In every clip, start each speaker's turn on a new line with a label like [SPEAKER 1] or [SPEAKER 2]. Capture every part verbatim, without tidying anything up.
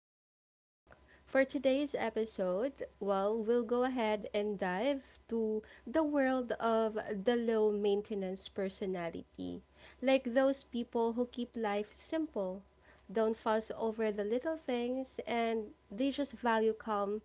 [SPEAKER 1] to Glow Talk. For today's episode, well, we'll go ahead and dive to the world of the low maintenance personality, like those people who keep life simple don't fuss over the little things, and they just value calm,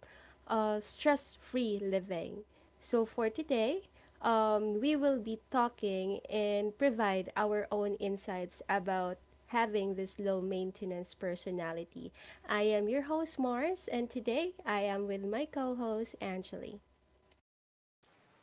[SPEAKER 1] uh, stress free living. So, for today, um, we will be talking and provide our own insights about having this low maintenance personality. I am your host, Mars, and today I am with my co host, Angeli.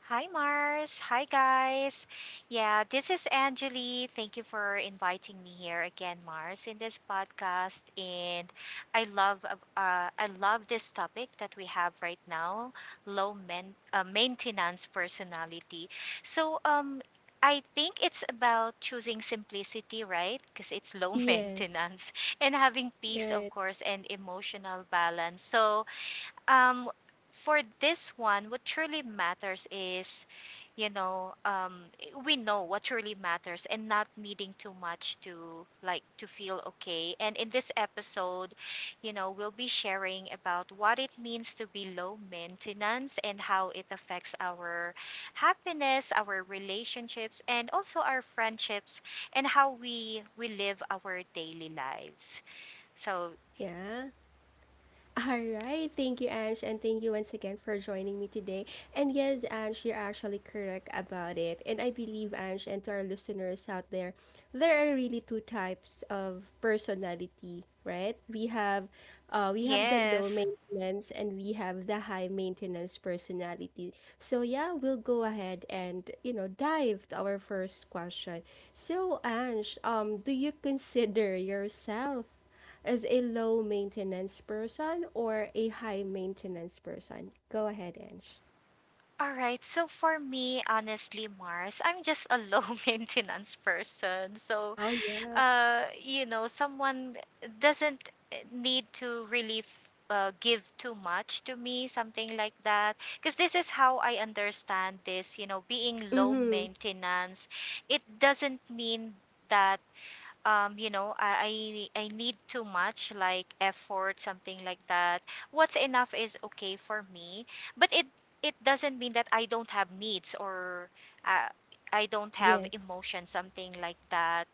[SPEAKER 2] Hi, Mars. Hi, guys. Yeah, this is Anjali. Thank you for inviting me here again, Mars, in this podcast. And I love, uh, uh, I love this topic that we have right now: low men- uh, maintenance personality. So, um, I think it's about choosing simplicity, right? Because it's low
[SPEAKER 1] Yes,
[SPEAKER 2] maintenance and having peace, of
[SPEAKER 1] right.
[SPEAKER 2] course, and emotional balance. So, um for this one, what truly matters is, you know um we know what truly matters and not needing too much to, like, to feel okay. And in this episode, you know, we'll be sharing about what it means to be low maintenance and how it affects our happiness, our relationships, and also our friendships, and how we we live our daily lives. So
[SPEAKER 1] Yeah. All right. Thank you, Ange. And thank you once again for joining me today. And yes, Ange, you're actually correct about it. And I believe, Ange, and to our listeners out there, there are really two types of personality, right? We have uh, we have the low
[SPEAKER 2] yes.
[SPEAKER 1] maintenance and we have the high maintenance personality. So yeah, we'll go ahead and you know dive to our first question. So Ange, um, do you consider yourself as a low maintenance person or a high maintenance person? Go ahead, Ange.
[SPEAKER 2] All right. So for me, honestly, Mars, I'm just a low maintenance person. So,
[SPEAKER 1] Oh, yeah.
[SPEAKER 2] uh, you know, someone doesn't, eh, need to really f- uh, give too much to me, something like that. Because this is how I understand this, you know, being low
[SPEAKER 1] Mm-hmm.
[SPEAKER 2] maintenance. It doesn't mean that, um, you know, I, I I need too much, like, effort, something like that. What's enough is okay for me, but it it doesn't mean that I don't have needs or, uh, I don't have
[SPEAKER 1] Yes.
[SPEAKER 2] emotion, something like that.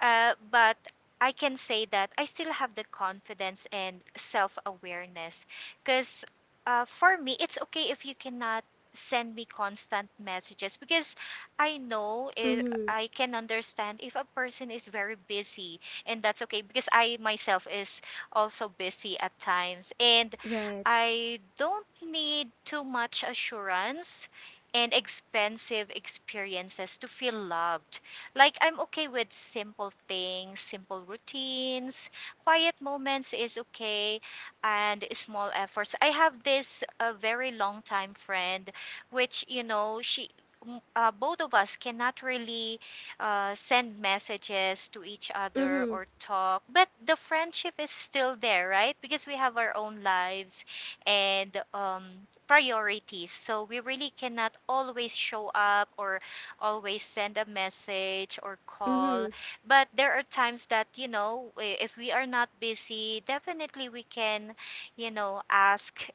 [SPEAKER 2] Uh, but I can say that I still have the confidence and self awareness. Because, uh, for me, it's okay if you cannot send me constant messages, because I know if
[SPEAKER 1] Mm-hmm.
[SPEAKER 2] I can understand if a person is very busy, and that's okay because I myself is also busy at times. And
[SPEAKER 1] Right.
[SPEAKER 2] I don't need too much assurance and expensive experiences to feel loved. Like, I'm okay with simple things, simple routines, quiet moments is okay, and small efforts. I have this a very long time friend, which, you know, she. m- Uh, both of us cannot really, uh, send messages to each other
[SPEAKER 1] Mm-hmm.
[SPEAKER 2] or talk, but the friendship is still there, right? Because we have our own lives and, um, priorities. So we really cannot always show up or always send a message or
[SPEAKER 1] Mm-hmm.
[SPEAKER 2] call. But there are times that, you know, i- if we are not busy, definitely we can, you know, ask,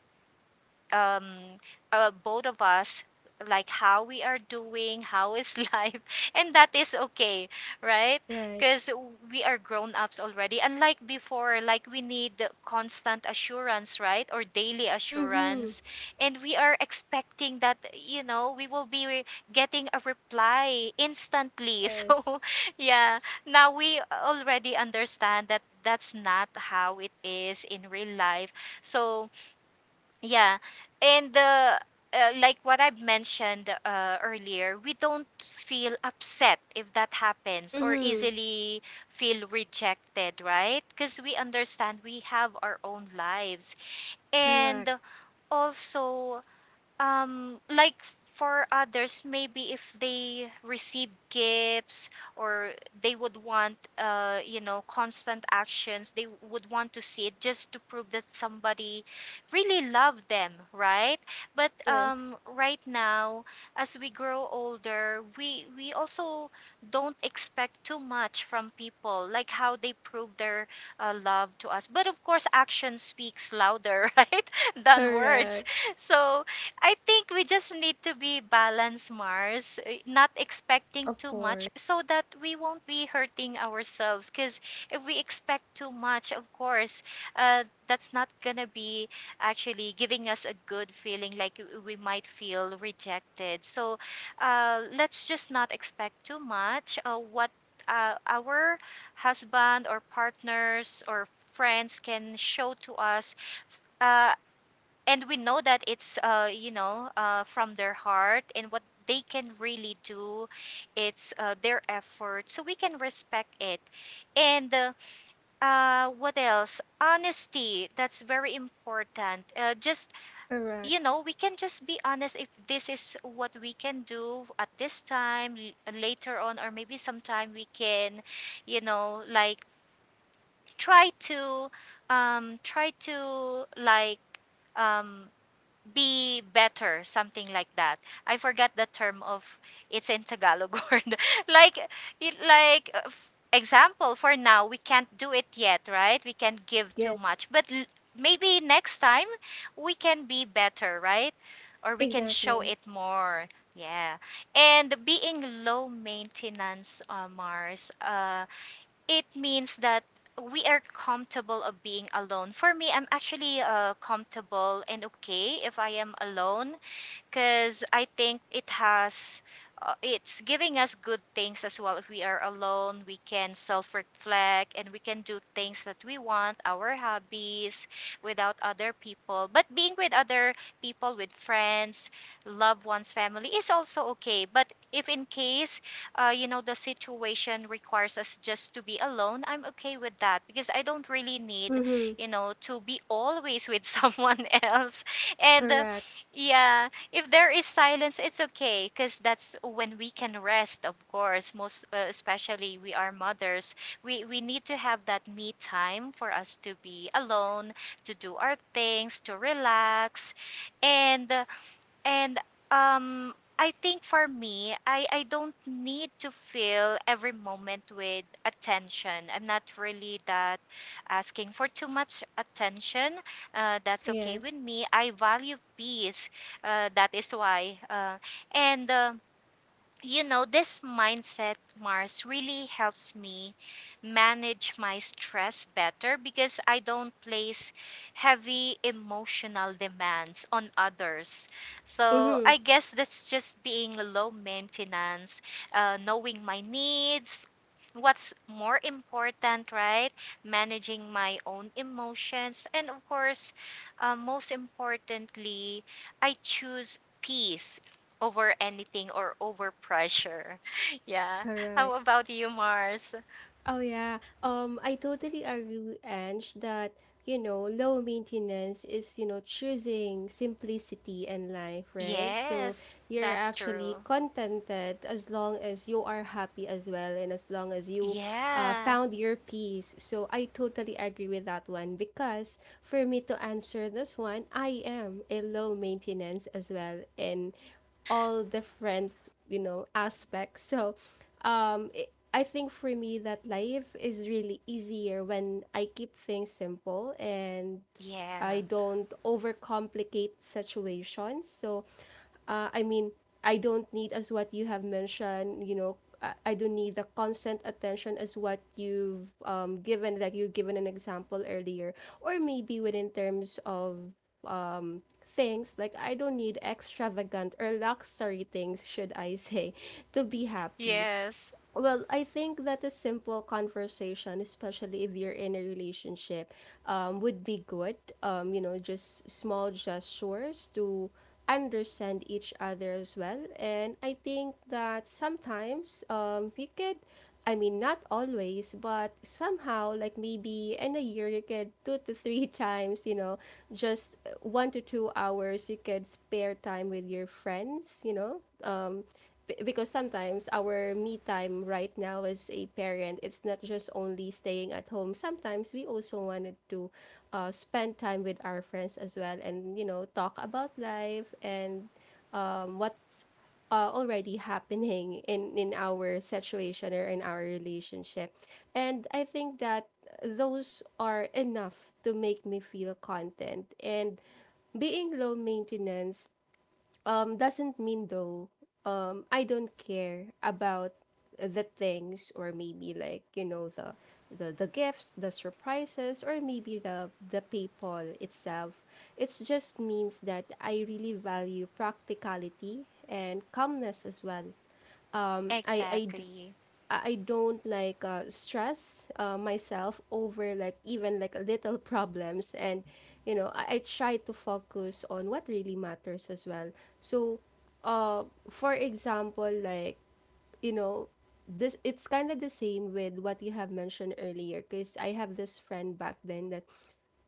[SPEAKER 2] um, uh, both of us, like, how we are doing, how is life, and that is okay, right?
[SPEAKER 1] Right.
[SPEAKER 2] Because we are grown ups already, unlike before, like we need the constant assurance, right, or daily
[SPEAKER 1] Mm-hmm.
[SPEAKER 2] assurance. And we are expecting that, you know, we will be re- getting a reply instantly.
[SPEAKER 1] Yes.
[SPEAKER 2] So yeah, now we already understand that that's not how it is in real life. So yeah. And uh, uh, like what I've mentioned uh, earlier, we don't feel upset if that happens or
[SPEAKER 1] Mm-hmm.
[SPEAKER 2] easily feel rejected, right? Because we understand we have our own lives.
[SPEAKER 1] Correct.
[SPEAKER 2] And also, um, like, for others, maybe if they receive gifts or they would want, uh, you know, constant actions, they would want to see it just to prove that somebody really loved them, right? But,
[SPEAKER 1] Yes.
[SPEAKER 2] um, right now, as we grow older, we we also don't expect too much from people, like how they prove their, uh, love to us. But of course, action speaks louder right than words.
[SPEAKER 1] Correct.
[SPEAKER 2] So I think we just need to be balanced, Mars, eh, not expecting
[SPEAKER 1] Of
[SPEAKER 2] too much
[SPEAKER 1] course.
[SPEAKER 2] so that we won't be hurting ourselves. Because if we expect too much, of course, uh, that's not going to be actually giving us a good feeling, like w- we might feel rejected. So, uh, let's just not expect too much. Uh, what, uh, our husband or partners or friends can show to us. Uh, and we know that it's, uh, you know uh, from their heart, and what they can really do, it's, uh, their effort, so we can respect it. And uh, uh, what else? Honesty, that's very important. Uh, just,
[SPEAKER 1] Correct.
[SPEAKER 2] you know, we can just be honest. If this is what we can do at this time, l- later on, or maybe sometime, we can, you know, like, try to, um try to, like, um be better, something like that. I forgot the term of it's in Tagalog word. Like, y- like, uh, f- example, for now we can't do it yet, right? We can't give too
[SPEAKER 1] Yes.
[SPEAKER 2] much, but, l- maybe next time we can be better, right? Or we can show
[SPEAKER 1] Exactly.
[SPEAKER 2] it more. Yeah. And being low maintenance, uh, Mars. Uh it means that we are comfortable of being alone. For me, I'm actually, uh, comfortable and okay if I am alone, because I think it has, uh, it's giving us good things as well. If we are alone, we can self reflect and we can do things that we want, our hobbies, without other people. But being with other people, with friends, loved ones, family is also okay. But if in case, uh, you know, the situation requires us just to be alone, I'm okay with that because I don't really need,
[SPEAKER 1] Mm-hmm.
[SPEAKER 2] you know, to be always with someone else. And uh,
[SPEAKER 1] Correct.
[SPEAKER 2] yeah, if there is silence, it's okay because that's when we can rest, of course. Most, uh, especially we are mothers. We we need to have that me time for us to be alone, to do our things, to relax. And uh, and um I think for me, I I don't need to fill every moment with attention. I'm not really that asking for too much attention. Uh, that's okay
[SPEAKER 1] Yes.
[SPEAKER 2] with me. I value peace. Uh, that is why. Uh, and um You know, this mindset, Mars, really helps me manage my stress better, because I don't place heavy emotional demands on others. So
[SPEAKER 1] Mm-hmm.
[SPEAKER 2] I guess that's just being low maintenance, uh, knowing my needs. What's more important, right? Managing my own emotions. And of course, uh, most importantly, I choose peace over anything or over pressure. Yeah. How
[SPEAKER 1] Correct.
[SPEAKER 2] about you, Mars?
[SPEAKER 1] Oh yeah. Um, I totally agree with Ange that, you know, low maintenance is, you know, choosing simplicity in life, right? So
[SPEAKER 2] Yes,
[SPEAKER 1] you're
[SPEAKER 2] that's
[SPEAKER 1] actually
[SPEAKER 2] true.
[SPEAKER 1] contented as long as you are happy as well and as long as you uh,
[SPEAKER 2] Yeah.
[SPEAKER 1] found your peace. So I totally agree with that one because for me to answer this one, I am a low maintenance as well in all different you know aspects. So um it, i think for me that life is really easier when I keep things simple and
[SPEAKER 2] Yeah.
[SPEAKER 1] I don't overcomplicate situations. So uh, i mean, I don't need as what you have mentioned, you know i, I don't need the constant attention as what you've um, given, like you've given an example earlier, or maybe within terms of um, things. Like I don't need extravagant or luxury things, should I say, to be happy.
[SPEAKER 2] Yes,
[SPEAKER 1] Well, I think that a simple conversation, especially if you're in a relationship, um, would be good. Um, you know, just small gestures to understand each other as well. And I think that sometimes um, you could, I mean, not always, but somehow, like maybe in a year, you could two to three times, you know, just one to two hours, you could spare time with your friends, you know. Um, B- because sometimes our me time right now as a parent, it's not just only staying at home. Sometimes we also wanted to uh, spend time with our friends as well, and you know, talk about life and um, what's uh, already happening in in our situation or in our relationship. And I think that those are enough to make me feel content. And being low maintenance um doesn't mean though um I don't care about the things, or maybe like you know the the, the gifts, the surprises, or maybe the the paypal itself. It just means that I really value practicality and calmness as well. um i i d-
[SPEAKER 2] exactly.
[SPEAKER 1] I I don't like uh, stress uh, myself over like even like little problems. And you know I, I try to focus on what really matters as well. So uh for example, like you know this, it's kind of the same with what you have mentioned earlier, because I have this friend back then that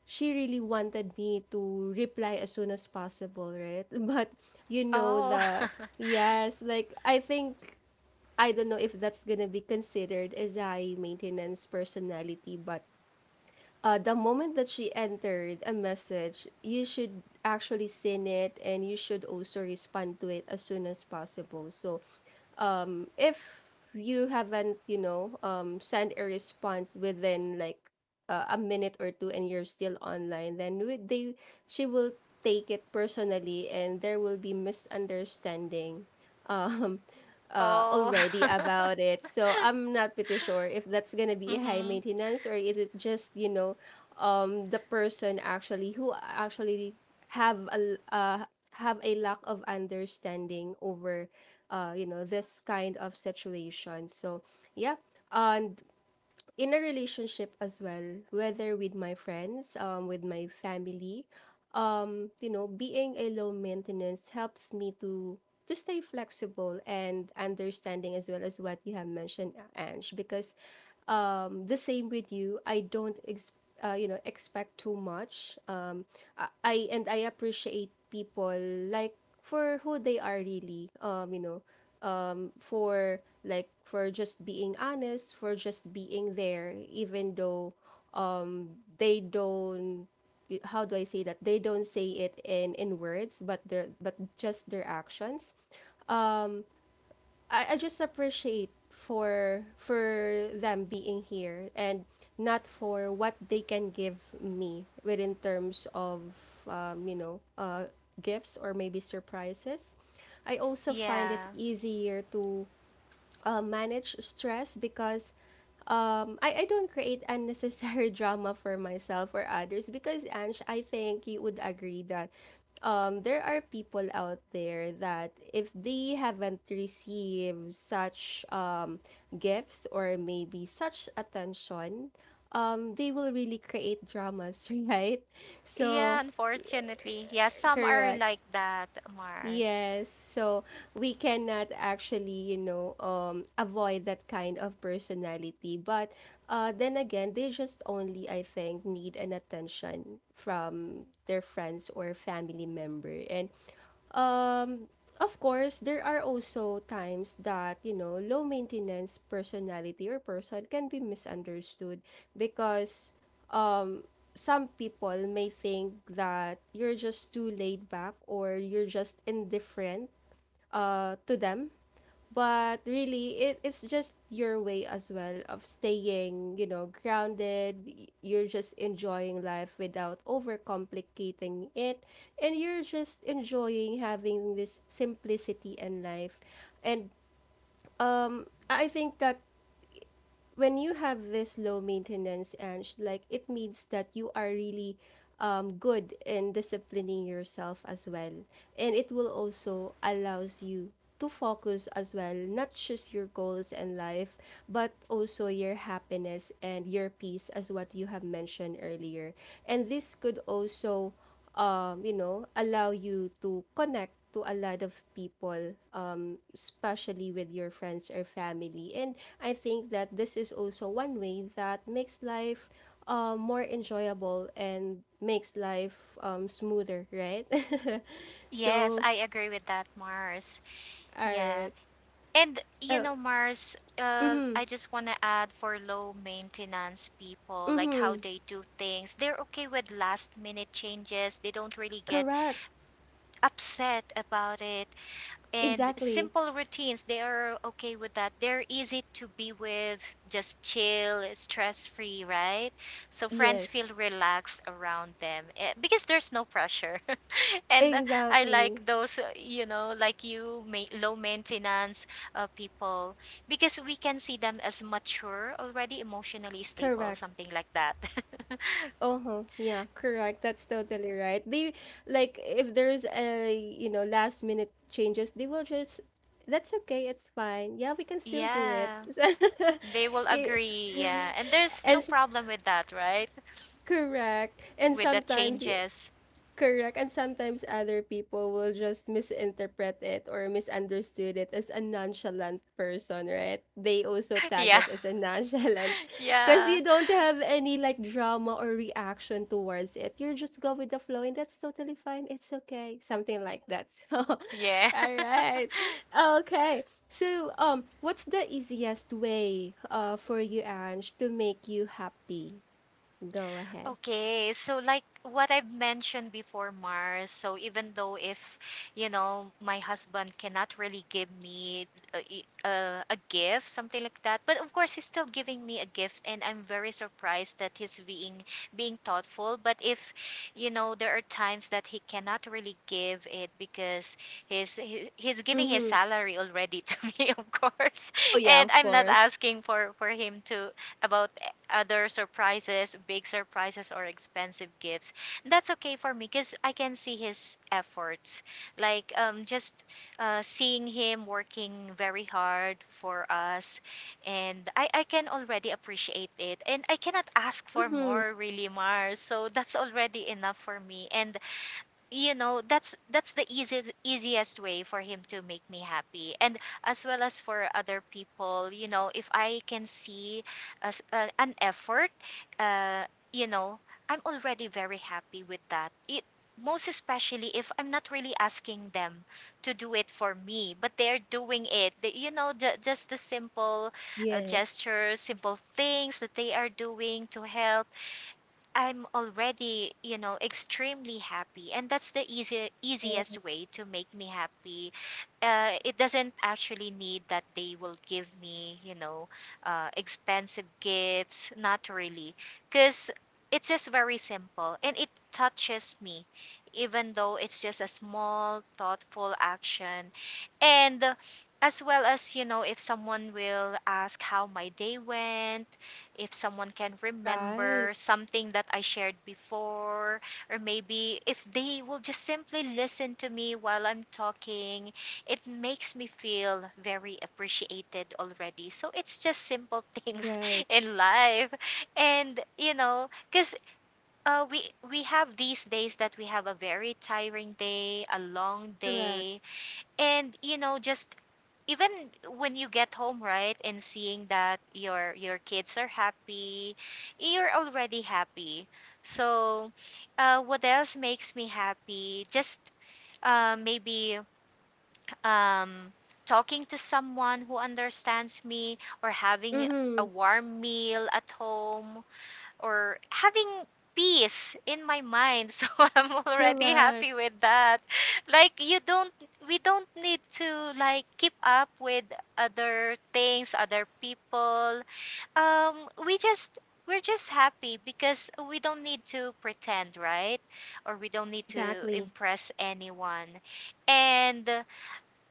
[SPEAKER 1] she really wanted me to reply as soon as possible, right? But you know
[SPEAKER 2] Oh.
[SPEAKER 1] the yes, like I think I don't know if that's gonna be considered as high maintenance personality, but uh, the moment that she entered a message, you should actually send it and you should also respond to it as soon as possible. So, um, if you haven't, you know, um, sent a response within like uh, a minute or two, and you're still online, then we- they she will take it personally, and there will be misunderstanding um uh,
[SPEAKER 2] Oh.
[SPEAKER 1] already about it. So I'm not pretty sure if that's gonna be a high
[SPEAKER 2] Mhm.
[SPEAKER 1] maintenance, or is it just you know, um, the person actually who actually have a l- uh, have a lack of understanding over, uh, you know, this kind of situation. So yeah. And in a relationship as well, whether with my friends, um, with my family, um, you know, being a low maintenance helps me to to stay flexible and understanding as well, as what you have mentioned, Ange. Because um, the same with you, I don't ex- uh, you know, expect too much. Um, I, I and I appreciate people like for who they are really. Um, you know, for like for just being honest, for just being there, even though um they don't, how do I say that? They don't say it in in words, but their but just their actions. Um, I, I just appreciate for for them being here, and not for what they can give me within terms of um, you know uh, gifts or maybe surprises. I also find it
[SPEAKER 2] Yeah.
[SPEAKER 1] easier to uh, manage stress because um, I, I don't create unnecessary drama for myself or others. Because Ange, I think you would agree that um, there are people out there that if they haven't received such um, gifts, or maybe such attention, um, they will really create dramas, right?
[SPEAKER 2] Yeah,
[SPEAKER 1] So,
[SPEAKER 2] unfortunately. Yeah, some are
[SPEAKER 1] correct.
[SPEAKER 2] like that, Mars.
[SPEAKER 1] Yes, so we cannot actually, you know, um, avoid that kind of personality. But uh, then again, they just only, I think, need an attention from their friends or family member. And um, of course, there are also times that, you know, low maintenance personality or person can be misunderstood because um, some people may think that you're just too laid back, or you're just indifferent uh, to them. But really, it, it's just your way as well of staying, you know, grounded. Y- You're just enjoying life without overcomplicating it. And you're just enjoying having this simplicity in life. And um, I think that when you have this low maintenance and like, it means that you are really um, good in disciplining yourself as well, and it will also allows you to focus as well, not just your goals in life, but also your happiness and your peace, as what you have mentioned earlier. And this could also um, you know, allow you to connect to a lot of people, um, especially with your friends or family. And I think that this is also one way that makes life um, more enjoyable and makes life um, smoother, right?
[SPEAKER 2] Yes,
[SPEAKER 1] So,
[SPEAKER 2] I agree with that, Mars.
[SPEAKER 1] all
[SPEAKER 2] Yeah.
[SPEAKER 1] right.
[SPEAKER 2] And you
[SPEAKER 1] Oh,
[SPEAKER 2] know, Mars, uh,
[SPEAKER 1] mm-hmm,
[SPEAKER 2] I just want to add, for low maintenance people, like, how
[SPEAKER 1] mm-hmm.
[SPEAKER 2] they do things. They're okay with last minute changes. They don't really get
[SPEAKER 1] Correct.
[SPEAKER 2] upset about it. And
[SPEAKER 1] Exactly.
[SPEAKER 2] simple routines, they are okay with that, they're easy to be with, just chill, stress free, right? So friends feel
[SPEAKER 1] Yes.
[SPEAKER 2] relaxed around them, eh, because there's no pressure. And uh, I
[SPEAKER 1] Exactly.
[SPEAKER 2] like those, uh, you know, like, you ma- low maintenance, uh, people, because we can see them as mature already, emotionally stable,
[SPEAKER 1] Correct.
[SPEAKER 2] something like that.
[SPEAKER 1] Uh-huh. Yeah, correct. That's totally right. They, like if there's a, you know, last minute changes, they will just, that's okay, it's fine. Yeah, we can still do it.
[SPEAKER 2] Yeah, they will
[SPEAKER 1] You-
[SPEAKER 2] agree. Yeah, and there's
[SPEAKER 1] and
[SPEAKER 2] no
[SPEAKER 1] s-
[SPEAKER 2] problem with that, right,
[SPEAKER 1] Correct. And
[SPEAKER 2] with the
[SPEAKER 1] sometimes
[SPEAKER 2] changes.
[SPEAKER 1] correct. And sometimes other people will just misinterpret it or misunderstood it as a nonchalant person, right? They also tag
[SPEAKER 2] Yeah.
[SPEAKER 1] it as a nonchalant because
[SPEAKER 2] Yeah.
[SPEAKER 1] you don't have any like drama or reaction towards it. You just go with the flow, and that's totally fine. It's okay. Something like that. So,
[SPEAKER 2] Yeah.
[SPEAKER 1] all right. Okay. So, um, what's the easiest way uh for you, Ange, to make you happy? Go ahead.
[SPEAKER 2] Okay, so like what I've mentioned before, Mars, so even though if, you know, my husband cannot really give me a, a, a gift, something like that, but of course he's still giving me a gift, and I'm very surprised that he's being being thoughtful. But if, you know, there are times that he cannot really give it because he's he, he's giving his
[SPEAKER 1] Mm-hmm.
[SPEAKER 2] salary already to me, of course.
[SPEAKER 1] Oh yeah,
[SPEAKER 2] And
[SPEAKER 1] of
[SPEAKER 2] I'm not
[SPEAKER 1] course.
[SPEAKER 2] asking for for him to, about other surprises, big surprises or expensive gifts. That's okay for me because I can see his efforts. Like, um, just, uh, seeing him working very hard for us, and I I can already appreciate it. And I cannot ask for
[SPEAKER 1] Mm-hmm.
[SPEAKER 2] more, really, Mars. So that's already enough for me. And you know, that's that's the easiest easiest way for him to make me happy. And as well as for other people, you know, if I can see as, uh, an effort, uh you know I'm already very happy with that. It, most especially if I'm not really asking them to do it for me, but they're doing it, the, you know, the, just the simple, uh,
[SPEAKER 1] Yes.
[SPEAKER 2] gestures, simple things that they are doing to help, I'm already, you know, extremely happy, and that's the easy,
[SPEAKER 1] Yeah.
[SPEAKER 2] easiest way to make me happy. Uh, it doesn't actually need that they will give me, you know, uh, expensive gifts. Not really, because it's just very simple, and it touches me, even though it's just a small, thoughtful action. And, uh, as well as, you know, if someone will ask how my day went, if someone can
[SPEAKER 1] Right.
[SPEAKER 2] remember something that I shared before, or maybe if they will just simply listen to me while I'm talking, it makes me feel very appreciated already. So it's just simple things
[SPEAKER 1] Right.
[SPEAKER 2] in life. And, you know, because uh, we, we have these days that we have a very tiring day, a long
[SPEAKER 1] Correct.
[SPEAKER 2] day, and, you know, just even when you get home, right, and seeing that your your kids are happy, you're already happy. So uh, what else makes me happy? Just uh, maybe um, talking to someone who understands me, or having a
[SPEAKER 1] Mm-hmm.
[SPEAKER 2] warm meal at home, or having peace in my mind. So I'm already
[SPEAKER 1] Correct.
[SPEAKER 2] happy with that. Like you don't We don't need to like keep up with other things, other people. um we just we're just happy because we don't need to pretend, right? Or we don't need to
[SPEAKER 1] Exactly.
[SPEAKER 2] impress anyone. And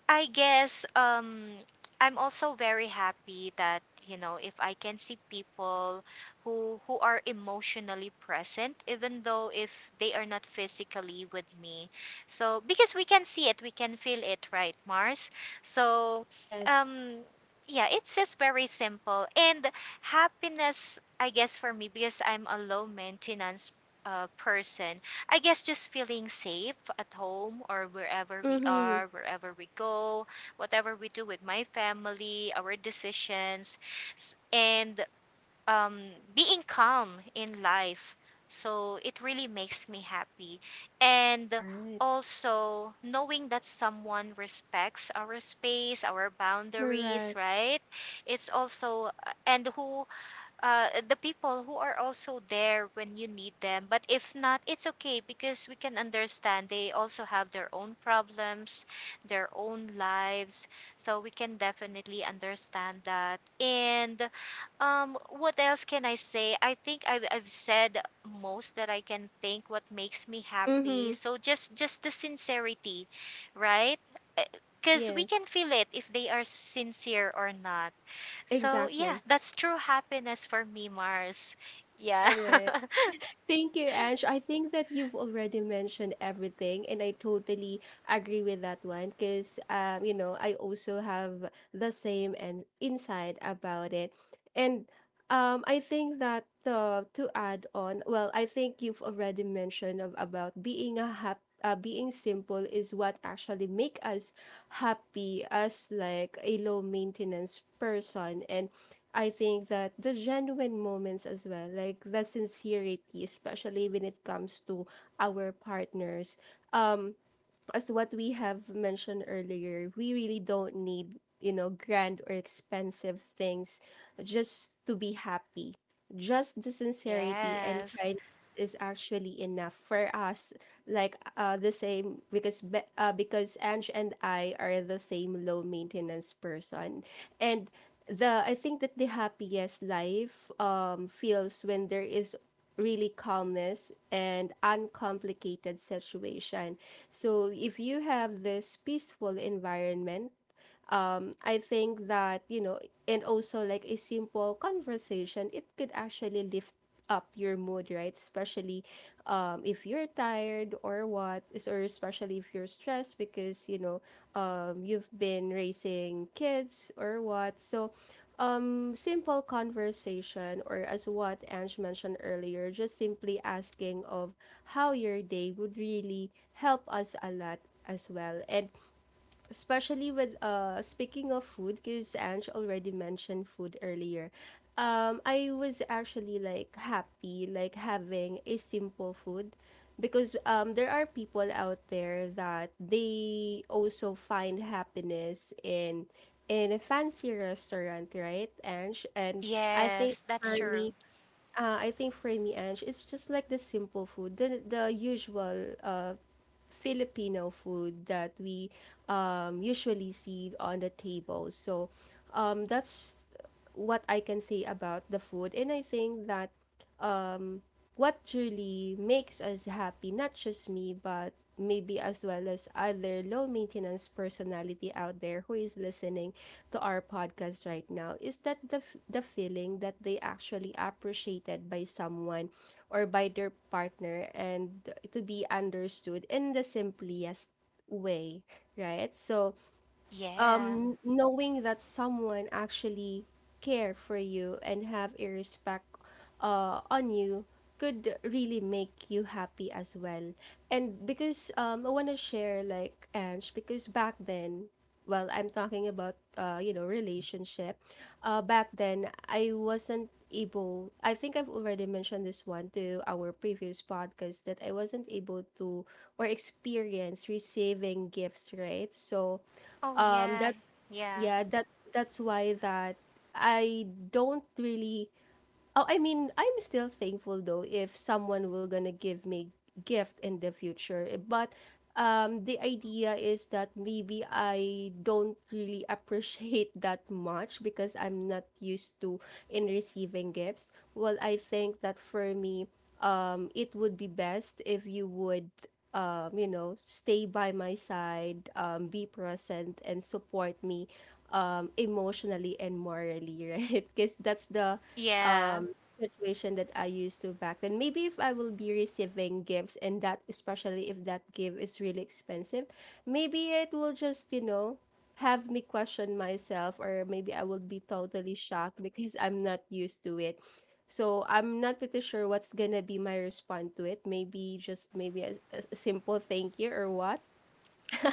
[SPEAKER 2] I guess um I'm also very happy that, you know, if I can see people who who are emotionally present even though if they are not physically with me. So because we can see it, we can feel it, right, Mars? So
[SPEAKER 1] Yes.
[SPEAKER 2] um yeah, it's just very simple. And happiness, I guess, for me, because I'm a low maintenance uh, person, I guess just feeling safe at home or wherever we
[SPEAKER 1] Mm-hmm.
[SPEAKER 2] are, wherever we go, whatever we do with my family, our decisions, s- and um, being calm in life. So it really makes me happy. And
[SPEAKER 1] Right.
[SPEAKER 2] also knowing that someone respects our space, our boundaries,
[SPEAKER 1] Correct.
[SPEAKER 2] right? It's also, uh, and who uh, the people who are also there when you need them. But if not, it's okay because we can understand they also have their own problems, their own lives. So we can definitely understand that. And um, what else can I say? I think I've, I've said most that I can think what makes me happy.
[SPEAKER 1] Mm-hmm.
[SPEAKER 2] So just just the sincerity, right? Because we can
[SPEAKER 1] Yes.
[SPEAKER 2] feel it if they are sincere or not. So yeah,
[SPEAKER 1] Exactly.
[SPEAKER 2] that's true happiness for me, Mars. Yeah.
[SPEAKER 1] All right. Thank you, Ange. I think that you've already mentioned everything, and I totally agree with that one because, um, you know, I also have the same and insight about it. And Um, I think that uh, to add on, well, I think you've already mentioned of, about being a hap- uh, being simple is what actually make us happy as like a low maintenance person. And I think that the genuine moments as well, like the sincerity, especially when it comes to our partners. Um, as what we have mentioned earlier, we really don't need, you know, grand or expensive things just to be happy, just the sincerity and
[SPEAKER 2] Yes.
[SPEAKER 1] kindness is actually enough for us. Like uh the same, because be- uh, because Ange and I are the same low maintenance person. And the I think that the happiest life um feels when there is really calmness and uncomplicated situation. So if you have this peaceful environment, I think that, you know, and also like a simple conversation, it could actually lift up your mood, right? Especially um, if you're tired or what, is- or especially if you're stressed because, you know, um, you've been raising kids or what. So, um, simple conversation, or as what Ange mentioned earlier, just simply asking of how your day would really help us a lot as well. And especially with uh speaking of food, because Ange already mentioned food earlier. um I was actually like happy, like having a simple food, because um there are people out there that they also find happiness in in a fancy restaurant, right, Ange? And I think
[SPEAKER 2] Yes, that's
[SPEAKER 1] for me,
[SPEAKER 2] true.
[SPEAKER 1] uh, I think for me, Ange, it's just like the simple food, the the usual uh Filipino food that we um, usually see on the table. So um, that's what I can say about the food. And I think that um, what truly makes us happy, not just me, but maybe as well as other low maintenance personality out there who is listening to our podcast right now, is that the f- the feeling that they actually appreciated by someone or by their partner, and to be understood in the simplest way, right? So
[SPEAKER 2] Yeah.
[SPEAKER 1] um knowing that someone actually care for you and have a respect uh on you could really make you happy as well. And because um I want to share, like, Ange, because back then, well, I'm talking about uh you know, relationship. Uh back then I wasn't able, I think I've already mentioned this one to our previous podcast, that I wasn't able to or experience receiving gifts, right? So
[SPEAKER 2] Oh,
[SPEAKER 1] um
[SPEAKER 2] yeah.
[SPEAKER 1] that's,
[SPEAKER 2] Yeah.
[SPEAKER 1] yeah, that that's why that I don't really... Oh, I mean, I'm still thankful though if someone will gonna give me gift in the future. Eh, but um, the idea is that maybe I don't really appreciate that much because I'm not used to in receiving gifts. Well, I think that for me, um, it would be best if you would um, you know, stay by my side, um, be present and support me um emotionally and morally, right? Because that's the
[SPEAKER 2] Yeah.
[SPEAKER 1] situation that I used to back then. Maybe if I will be receiving gifts, and that especially if that gift is really expensive, maybe it will just, you know, have me question myself, or maybe I will be totally shocked because I'm not used to it. So I'm not pretty sure what's gonna be my response to it. Maybe just maybe a, a simple thank you or what.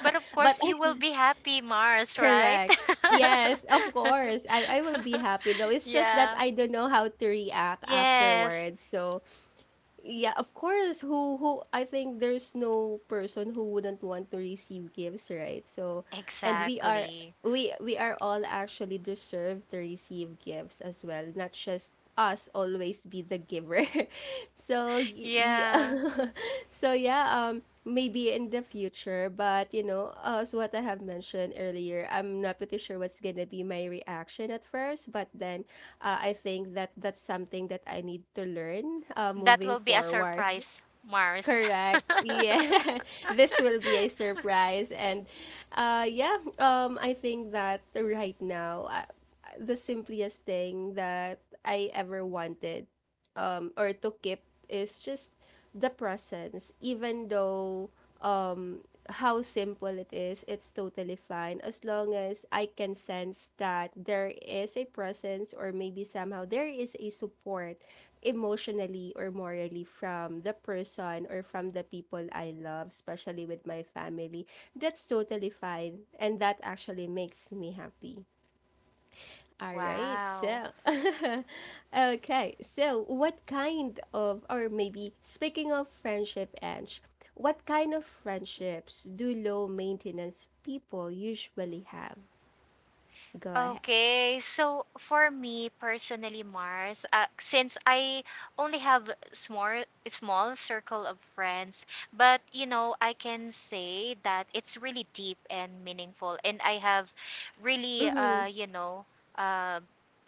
[SPEAKER 2] But of
[SPEAKER 1] But
[SPEAKER 2] course you
[SPEAKER 1] I,
[SPEAKER 2] will be happy, Mars, right?
[SPEAKER 1] correct. Yes, of course. I, I will be happy though. It's just that
[SPEAKER 2] Yeah.
[SPEAKER 1] I don't know how to react
[SPEAKER 2] Yes.
[SPEAKER 1] afterwards. So yeah, of course. Who who I think there's no person who wouldn't want to receive gifts, right? So, and we are,
[SPEAKER 2] Exactly.
[SPEAKER 1] we we are all actually deserve to receive gifts as well, not just us always be the giver. So y-
[SPEAKER 2] Yeah.
[SPEAKER 1] yeah. So yeah, um maybe in the future, but you know, uh, as what I have mentioned earlier, I'm not pretty sure what's gonna be my reaction at first, but then uh, I think that that's something that I need to learn, uh,
[SPEAKER 2] That
[SPEAKER 1] moving
[SPEAKER 2] will be a
[SPEAKER 1] forward.
[SPEAKER 2] surprise, Mars.
[SPEAKER 1] Correct, yeah. This will be a surprise. And uh, yeah, um, I think that right now, uh, the simplest thing that I ever wanted, um, or to keep, is just the presence. Even though um, how simple it is, it's totally fine, as long as I can sense that there is a presence, or maybe somehow there is a support emotionally or morally from the person or from the people I love, especially with my family. That's totally fine, and that actually makes me happy. All right,
[SPEAKER 2] Wow.
[SPEAKER 1] so okay, so what kind of, or maybe speaking of friendship, Ange, what kind of friendships do low maintenance people usually have? Go ahead.
[SPEAKER 2] Okay, so for me personally, Mars, uh, since I only have small small circle of friends, but you know, I can say that it's really deep and meaningful, and I have really, uh,
[SPEAKER 1] Mm-hmm.
[SPEAKER 2] you know, uh,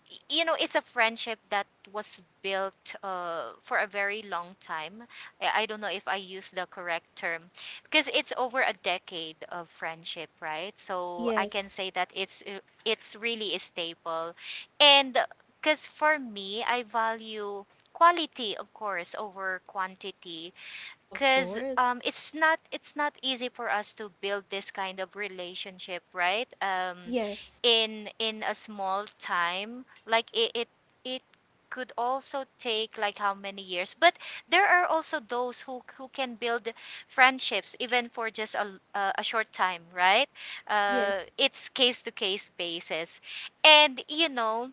[SPEAKER 2] y- you know, it's a friendship that was built uh, for a very long time. I, I don't know if I use the correct term, because it's over a decade of friendship, right? So I can
[SPEAKER 1] Yes,
[SPEAKER 2] say that it's uh, it's really a staple. And because for me, I value quality, of course, over quantity.
[SPEAKER 1] of
[SPEAKER 2] Because
[SPEAKER 1] course.
[SPEAKER 2] um, it's not it's not easy for us to build this kind of relationship, right? Um,
[SPEAKER 1] Yes,
[SPEAKER 2] in in a small time, like it, it it could also take like how many years. But there are also those who who can build friendships even for just a, a, a short time, right? Uh,
[SPEAKER 1] yes,
[SPEAKER 2] it's case to case basis. And you know,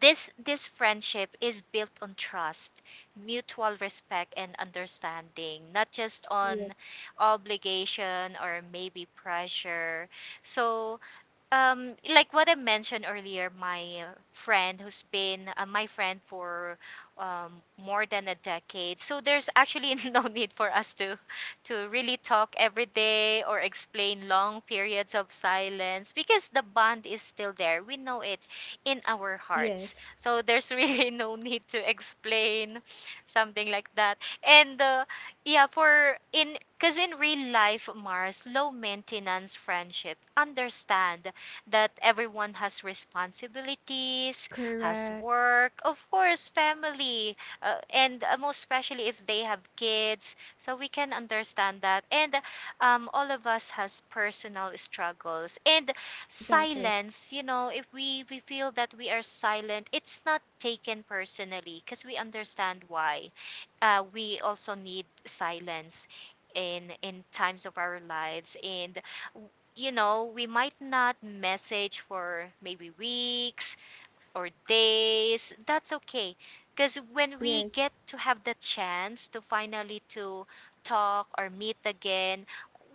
[SPEAKER 2] this this friendship is built on trust, mutual respect and understanding, not just on
[SPEAKER 1] yes,
[SPEAKER 2] obligation or maybe pressure. So um like what I mentioned earlier, my uh, friend who's been uh, my friend for um, more than a decade. So there's actually no need for us to to really talk every day or explain long periods of silence, because the bond is still there. We know it in our hearts.
[SPEAKER 1] yes.
[SPEAKER 2] So there's really no need to explain something like that. And uh, yeah, for in because in real life, Mars, low maintenance friendship, understand that everyone has responsibilities, has
[SPEAKER 1] Correct.
[SPEAKER 2] work, of course, family, uh, and uh, most especially if they have kids. So we can understand that. And um, all of us has personal struggles. And
[SPEAKER 1] Exactly.
[SPEAKER 2] silence, you know, if we, we feel that we are silent, it's not taken personally because we understand why. Uh, we also need silence in in times of our lives. And you know, we might not message for maybe weeks or days. That's okay, because when we
[SPEAKER 1] Yes,
[SPEAKER 2] get to have the chance to finally to talk or meet again,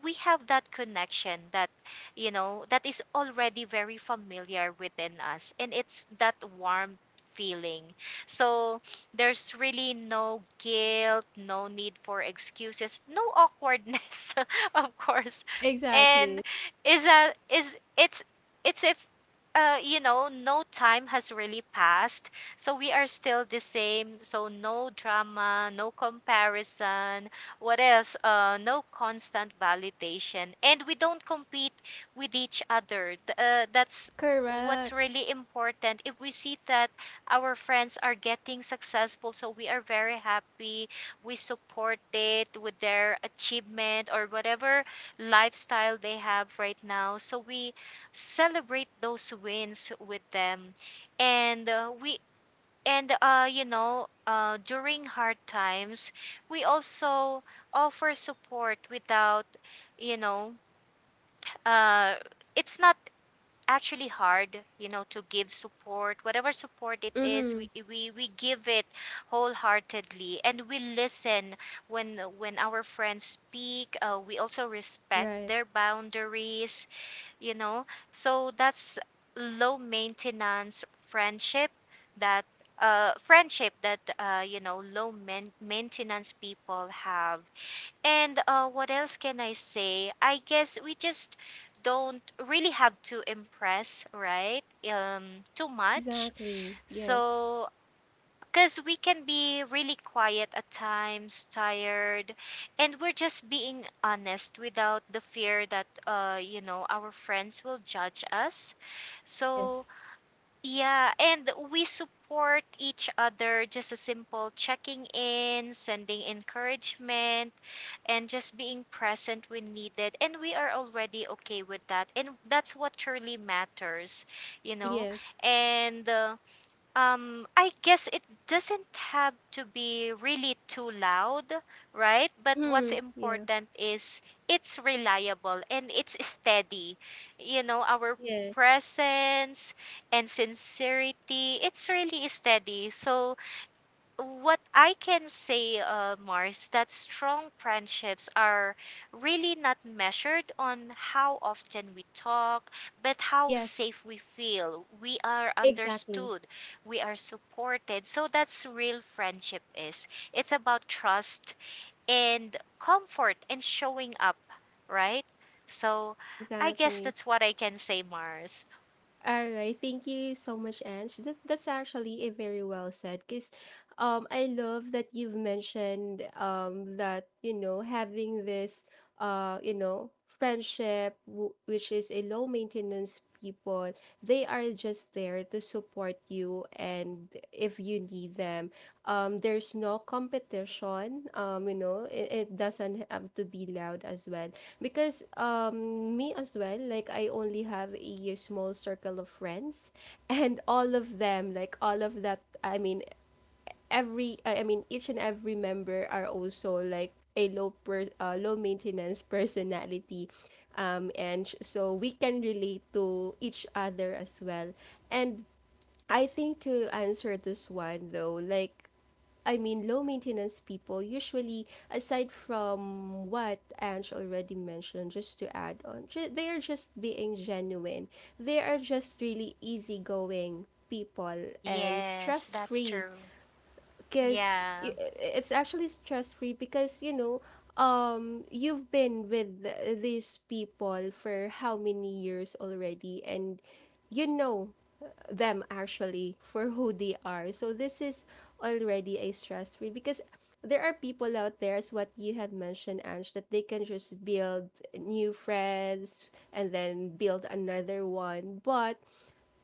[SPEAKER 2] we have that connection that, you know, that is already very familiar within us, and it's that warm feeling. So there's really no guilt, no need for excuses, no awkwardness, of course. And
[SPEAKER 1] exactly.
[SPEAKER 2] is a is it's it's a uh, you know, no time has really passed. So we are still the same. So no drama, no comparison. What else? Uh, no constant validation. And we don't compete with each other. Th- Uh, that's what's
[SPEAKER 1] Correct.
[SPEAKER 2] really important. If we see that our friends are getting successful, so we are very happy. We support it with their achievement or whatever lifestyle they have right now. So we celebrate those wins with them. And uh, we and uh, you know, uh, during hard times, we also offer support without, you know, uh, it's not actually hard, you know, to give support. Whatever support it is,
[SPEAKER 1] Mm-hmm.
[SPEAKER 2] we, we we give it wholeheartedly, and we listen when when our friends speak. Uh, we also respect
[SPEAKER 1] Right.
[SPEAKER 2] their boundaries, you know. So that's low maintenance friendship. That uh, Friendship that, uh, you know, low man- maintenance people have. And uh, what else can I say? I guess we just don't really have to impress, right? um, Too much.
[SPEAKER 1] Exactly. Yes,
[SPEAKER 2] So because we can be really quiet at times, tired, and we're just being honest without the fear that, uh, you know, our friends will judge us. So,
[SPEAKER 1] yes,
[SPEAKER 2] yeah, and we support each other. Just a simple checking in, sending encouragement, and just being present when needed. And we are already okay with that. And that's what truly matters, you know.
[SPEAKER 1] yes.
[SPEAKER 2] And, uh, um I guess it doesn't have to be really too loud, right? But what's
[SPEAKER 1] Mm-hmm. Yeah.
[SPEAKER 2] important is it's reliable and it's steady. You know, our
[SPEAKER 1] Yes.
[SPEAKER 2] presence and sincerity, it's really steady. So what I can say, uh, Mars, that strong friendships are really not measured on how often we talk, but how
[SPEAKER 1] Yes.
[SPEAKER 2] safe we feel. We are
[SPEAKER 1] Exactly.
[SPEAKER 2] understood, we are supported. So that's real friendship is. It's about trust and comfort and showing up, right? So I guess
[SPEAKER 1] Exactly.
[SPEAKER 2] that's what I can say, Mars.
[SPEAKER 1] All right. Thank you so much, Ange. That that's actually a very well said. Cause um I love that you've mentioned um that, you know, having this uh you know, friendship w- which is a low maintenance people, they are just there to support you and if you need them. Um there's no competition, um you know, it, it doesn't have to be loud as well, because um me as well, like, I only have a small circle of friends, and all of them, like all of that, I mean, every I I mean, each and every member are also like a low per, uh, low maintenance personality, um and sh- so we can relate to each other as well. And I think to answer this one though, like, I mean, low maintenance people usually, aside from what Ange already mentioned, just to add on, ju- they are just being genuine, they are just really easygoing people and
[SPEAKER 2] Yes,
[SPEAKER 1] stress
[SPEAKER 2] that's
[SPEAKER 1] free,
[SPEAKER 2] true.
[SPEAKER 1] because
[SPEAKER 2] Yeah.
[SPEAKER 1] it's actually stress free, because you know, um you've been with th- these people for how many years already, and you know them actually for who they are, so this is already a stress free, because there are people out there, as what you have mentioned, Ange, that they can just build new friends and then build another one, but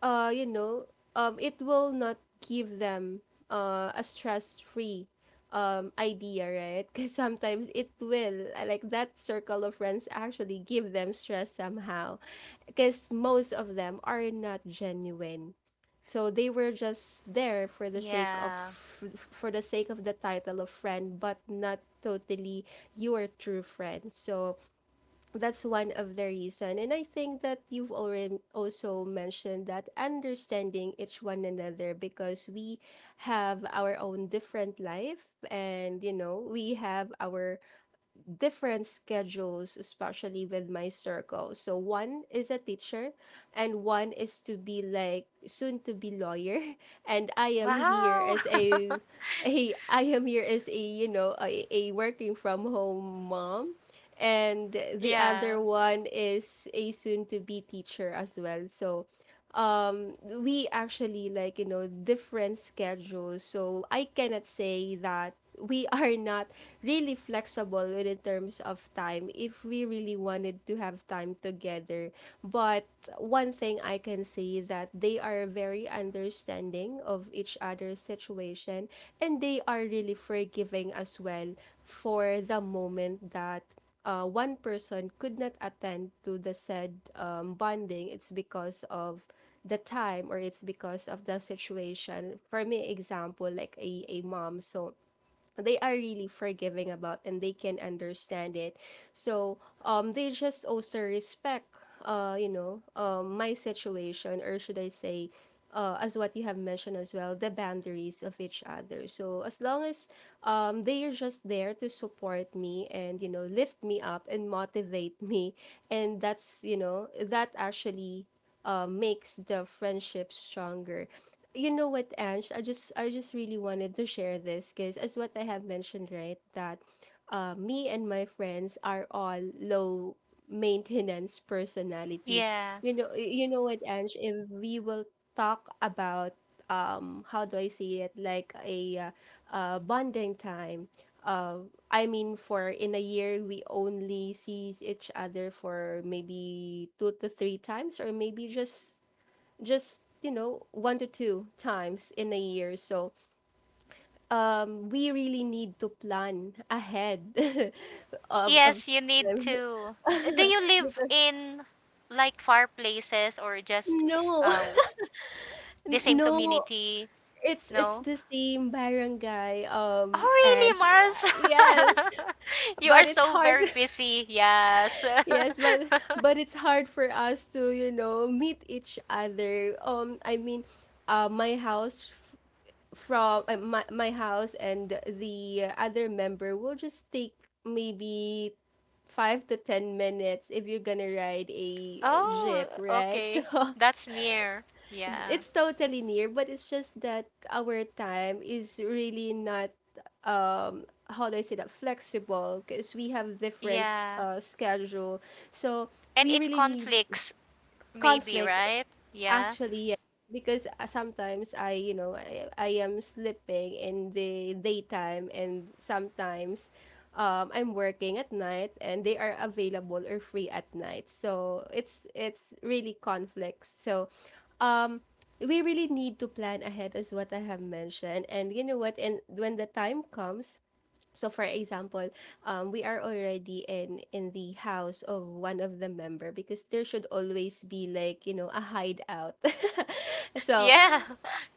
[SPEAKER 1] uh, you know, um, it will not give them uh, a stress-free um, idea, right? Because sometimes it will, uh, like that circle of friends actually give them stress somehow, because most of them are not genuine. So they were just there for the sake of
[SPEAKER 2] Yeah.
[SPEAKER 1] f- for the sake of the title of friend, but not totally your true friend. So that's one of the reason, and I think that you've already also mentioned that understanding each one another, because we have our own different life, and you know, we have our different schedules, especially with my circle. So one is a teacher, and one is to be like soon to be lawyer, and I am here
[SPEAKER 2] Wow.
[SPEAKER 1] as a a I am here as a you know, a, a working from home mom. And the
[SPEAKER 2] Yeah.
[SPEAKER 1] other one is a soon to be teacher as well. So um we actually, like, you know, different schedules, so I cannot say that we are not really flexible in terms of time if we really wanted to have time together. But one thing I can say, that they are very understanding of each other's situation, and they are really forgiving as well, for the moment that uh, one person could not attend to the said um, bonding, it's because of the time, or it's because of the situation. For me, example, like a, a mom. So they are really forgiving about, and they can understand it. So um they just also respect, uh you know, um my situation. Or should I say, uh, as what you have mentioned as well, the boundaries of each other. So as long as um, they are just there to support me, and you know, lift me up and motivate me, and that's, you know, that actually uh, makes the friendship stronger. You know what, Ange? I just I just really wanted to share this, because as what I have mentioned, right, that uh, me and my friends are all low maintenance personality.
[SPEAKER 2] Yeah.
[SPEAKER 1] You know, you know what, Ange? If we will talk about um how do I see it, like a uh, uh, bonding time. Uh, I mean, for in a year we only see each other for maybe two to three times, or maybe just just you know, one to two times in a year. So um, we really need to plan ahead of of
[SPEAKER 2] Yes, you need
[SPEAKER 1] them.
[SPEAKER 2] to. Do you live
[SPEAKER 1] Because
[SPEAKER 2] in like far places or just
[SPEAKER 1] no,
[SPEAKER 2] uh the same
[SPEAKER 1] no.
[SPEAKER 2] community?
[SPEAKER 1] It's it's
[SPEAKER 2] No?
[SPEAKER 1] the same barangay.
[SPEAKER 2] Oh,
[SPEAKER 1] Um, and
[SPEAKER 2] really,
[SPEAKER 1] sh-
[SPEAKER 2] Mars?
[SPEAKER 1] yes,
[SPEAKER 2] You
[SPEAKER 1] but
[SPEAKER 2] are
[SPEAKER 1] it's
[SPEAKER 2] so
[SPEAKER 1] hard.
[SPEAKER 2] very busy. Yes.
[SPEAKER 1] Yes, but but it's hard for us to, you know, meet each other. um I mean, uh, my house f- from uh, my, my house and the other member will just take maybe five to ten minutes if you're gonna ride a uh,
[SPEAKER 2] Oh,
[SPEAKER 1] jeep, right? So
[SPEAKER 2] okay. That's near. Yeah.
[SPEAKER 1] it's totally near, but it's just that our time is really not um how do I say that, flexible, because we have different
[SPEAKER 2] Yeah.
[SPEAKER 1] uh schedule. So
[SPEAKER 2] And
[SPEAKER 1] we
[SPEAKER 2] it
[SPEAKER 1] really need
[SPEAKER 2] conflicts maybe,
[SPEAKER 1] conflicts.
[SPEAKER 2] right? Yeah.
[SPEAKER 1] Actually, yeah, because uh, sometimes I, you know, I, I am sleeping in the daytime, and sometimes um, I'm working at night, and they are available or free at night. So it's it's really conflicts. So um we really need to plan ahead, as what I have mentioned. And you know what? And when the time comes, so for example, um, we are already in in the house of one of the member, because there should always be like, you know, a hideout. So
[SPEAKER 2] Yeah.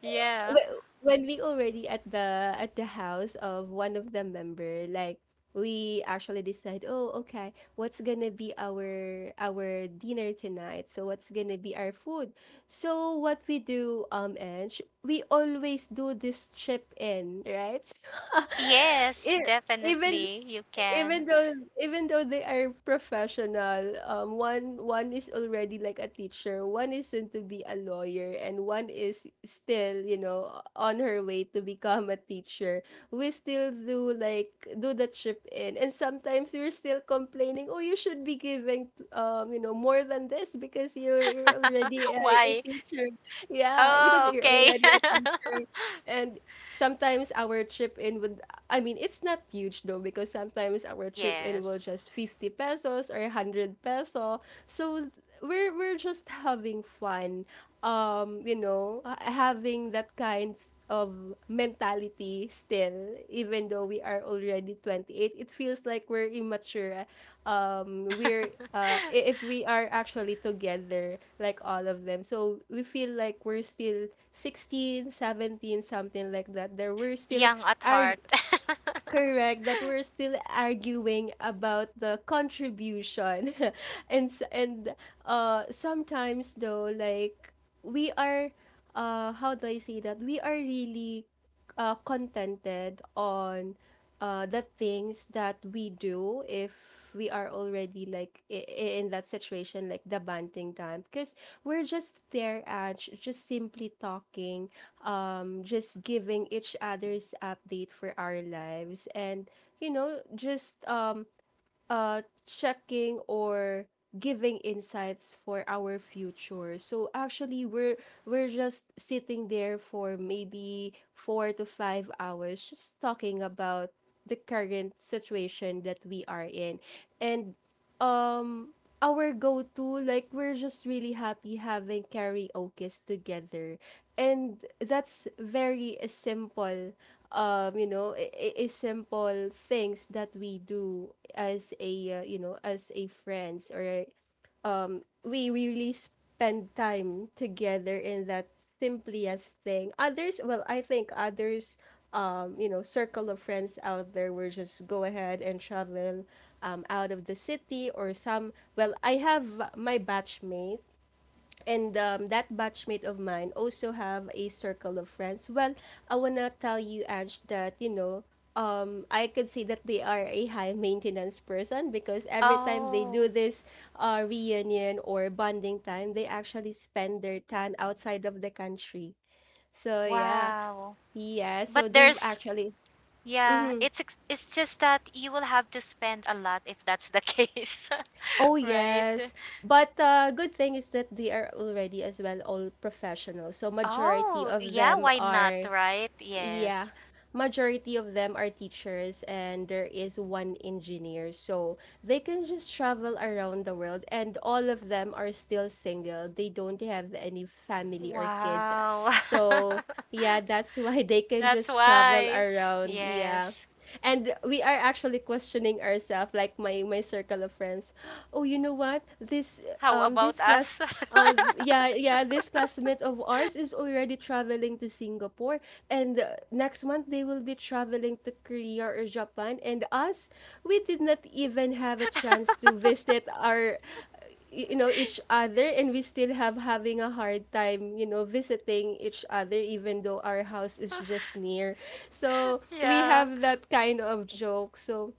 [SPEAKER 2] Yeah.
[SPEAKER 1] wh- when we already at the at the house of one of the member, like we actually decide, oh, okay, what's gonna be our our dinner tonight? So what's gonna be our food? So what we do, um, Ange, we always do this chip in, right?
[SPEAKER 2] Yes,
[SPEAKER 1] it, even
[SPEAKER 2] definitely you can.
[SPEAKER 1] even though even though they are professional, um, one one is already like a teacher, one is soon to be a lawyer, and one is still, you know, on her way to become a teacher. We still do like do the chip in, and sometimes we're still complaining. Oh, you should be giving um you know more than this because you're you're already a, a
[SPEAKER 2] Why?
[SPEAKER 1] teacher. Yeah, because
[SPEAKER 2] Oh,
[SPEAKER 1] you're
[SPEAKER 2] okay.
[SPEAKER 1] already a teacher, and sometimes our chip in would, I mean, it's not huge though because sometimes our chip in will
[SPEAKER 2] Yes.
[SPEAKER 1] just fifty pesos or one hundred peso. So we're we're just having fun. Um, you know, ha- Having that kind of mentality still, even though we are already twenty-eight, it feels like we're immature. Um we're uh i- if we are actually together, like all of them, so we feel like we're still sixteen seventeen, something like that. There We're still
[SPEAKER 2] Young at
[SPEAKER 1] ar-
[SPEAKER 2] heart.
[SPEAKER 1] correct that we're still arguing about the contribution. And s- and uh sometimes though, like, we are, uh how do I say, that we are really uh contented on, uh, the things that we do if we are already like, i- i- in that situation, like the banting time. Because we're just there at j- just simply talking, um just giving each other's update for our lives, and you know just um uh checking or giving insights for our future. So actually we're we're just sitting there for maybe four to five hours just talking about the current situation that we are in. And um our go-to, like, we're just really happy having karaoke's together, and that's very uh, simple. Um you know i- i- i- simple things that we do as a uh, you know, as a friends or a, we really spend time together in that simplest thing. Others, well, I think others, um, you know, circle of friends out there will just go ahead and travel, um, out of the city or some. Well, I have my batchmate, and um, that batchmate of mine also have a circle of friends. Well, I wanna tell you, Ange, that you know, um, I could say that they are a high maintenance person because every time they
[SPEAKER 2] Oh,
[SPEAKER 1] do this uh, reunion or bonding time, they actually spend their time outside of the country. So yeah.
[SPEAKER 2] wow.
[SPEAKER 1] Yeah,
[SPEAKER 2] But
[SPEAKER 1] so they've
[SPEAKER 2] there's
[SPEAKER 1] actually,
[SPEAKER 2] yeah, it's ex- it's just that you will have to spend a lot if that's the case.
[SPEAKER 1] oh
[SPEAKER 2] Right?
[SPEAKER 1] yes, but uh, good thing is that they are already as well all professional. So majority
[SPEAKER 2] Oh,
[SPEAKER 1] of
[SPEAKER 2] yeah,
[SPEAKER 1] them
[SPEAKER 2] why not,
[SPEAKER 1] are,
[SPEAKER 2] right?
[SPEAKER 1] yeah,
[SPEAKER 2] Yes.
[SPEAKER 1] majority of them are teachers, and there is one engineer. So they can just travel around the world, and all of them are still single. They don't have any family or kids,
[SPEAKER 2] Wow.
[SPEAKER 1] so yeah, that's why they can
[SPEAKER 2] That's
[SPEAKER 1] just travel
[SPEAKER 2] why.
[SPEAKER 1] around. Yeah,
[SPEAKER 2] Yes.
[SPEAKER 1] and we are actually questioning ourselves, like, my my circle of friends. Oh, you know what, this
[SPEAKER 2] How
[SPEAKER 1] um
[SPEAKER 2] about
[SPEAKER 1] this class
[SPEAKER 2] us?
[SPEAKER 1] uh, th- yeah, yeah, this classmate of ours is already traveling to Singapore, and uh, next month they will be traveling to Korea or Japan. And us, we did not even have a chance to visit our, y- you know, each other, and we still have having a hard time, you know, visiting each other, even though our house is just near. So we
[SPEAKER 2] Yeah.
[SPEAKER 1] have that kind of joke. So,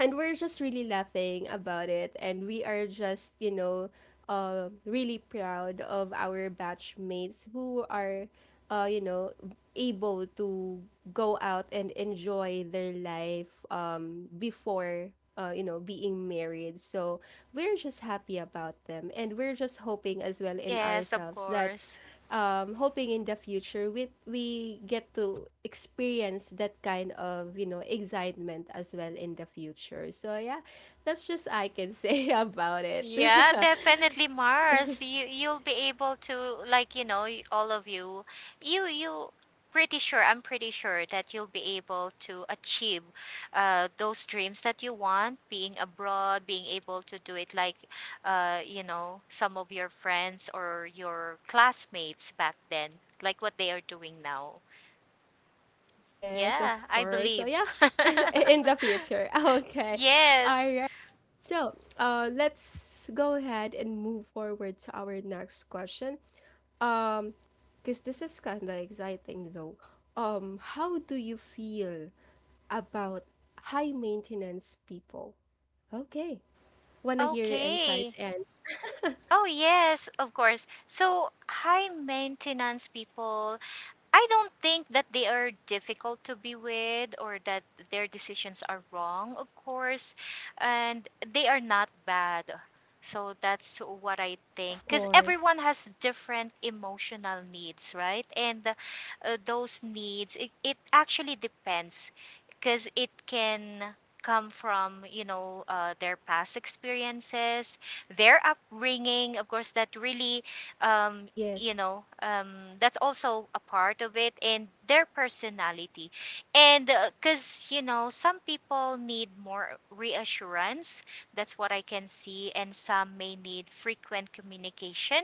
[SPEAKER 1] and we're just really laughing about it, and we are just, you know, uh, really proud of our batchmates who are, uh, you know, able to go out and enjoy their life, um, before, uh, you know, being married. So we're just happy about them, and we're just hoping as well in
[SPEAKER 2] Yes, of
[SPEAKER 1] ourselves that,
[SPEAKER 2] course.
[SPEAKER 1] um, hoping in the future we we get to experience that kind of, you know, excitement as well in the future. So yeah, that's just I can say about it.
[SPEAKER 2] Yeah, definitely, Mars. You you'll be able to, like, you know, y- all of you. You you pretty sure I'm pretty sure that you'll be able to achieve uh those dreams that you want, being abroad, being able to do it like, uh you know, some of your friends or your classmates back then, like what they are doing now.
[SPEAKER 1] Yes,
[SPEAKER 2] Yeah,
[SPEAKER 1] of
[SPEAKER 2] I
[SPEAKER 1] course. So
[SPEAKER 2] believe.
[SPEAKER 1] yeah, in the future. Okay, all
[SPEAKER 2] Yes.
[SPEAKER 1] right. So uh, let's go ahead and move forward to our next question. Um, because this is kind of exciting though. Um, how do you feel about high maintenance people? Okay, wanna hear your insights
[SPEAKER 2] Okay.
[SPEAKER 1] and
[SPEAKER 2] Oh, yes, of course. So, high maintenance people, I don't think that they are difficult to be with, or that their decisions are wrong, of course, and they are not bad. So that's what I think.
[SPEAKER 1] of
[SPEAKER 2] Because
[SPEAKER 1] course,
[SPEAKER 2] everyone has different emotional needs, right? And uh, uh, those needs, it, it actually depends, because it can come from, you know, uh, their past experiences, their upbringing. Of course, that really um, you
[SPEAKER 1] yes,
[SPEAKER 2] know um, that's also a part of it, and their personality. And because you know, some people need more reassurance, that's what I can see. And some may need frequent communication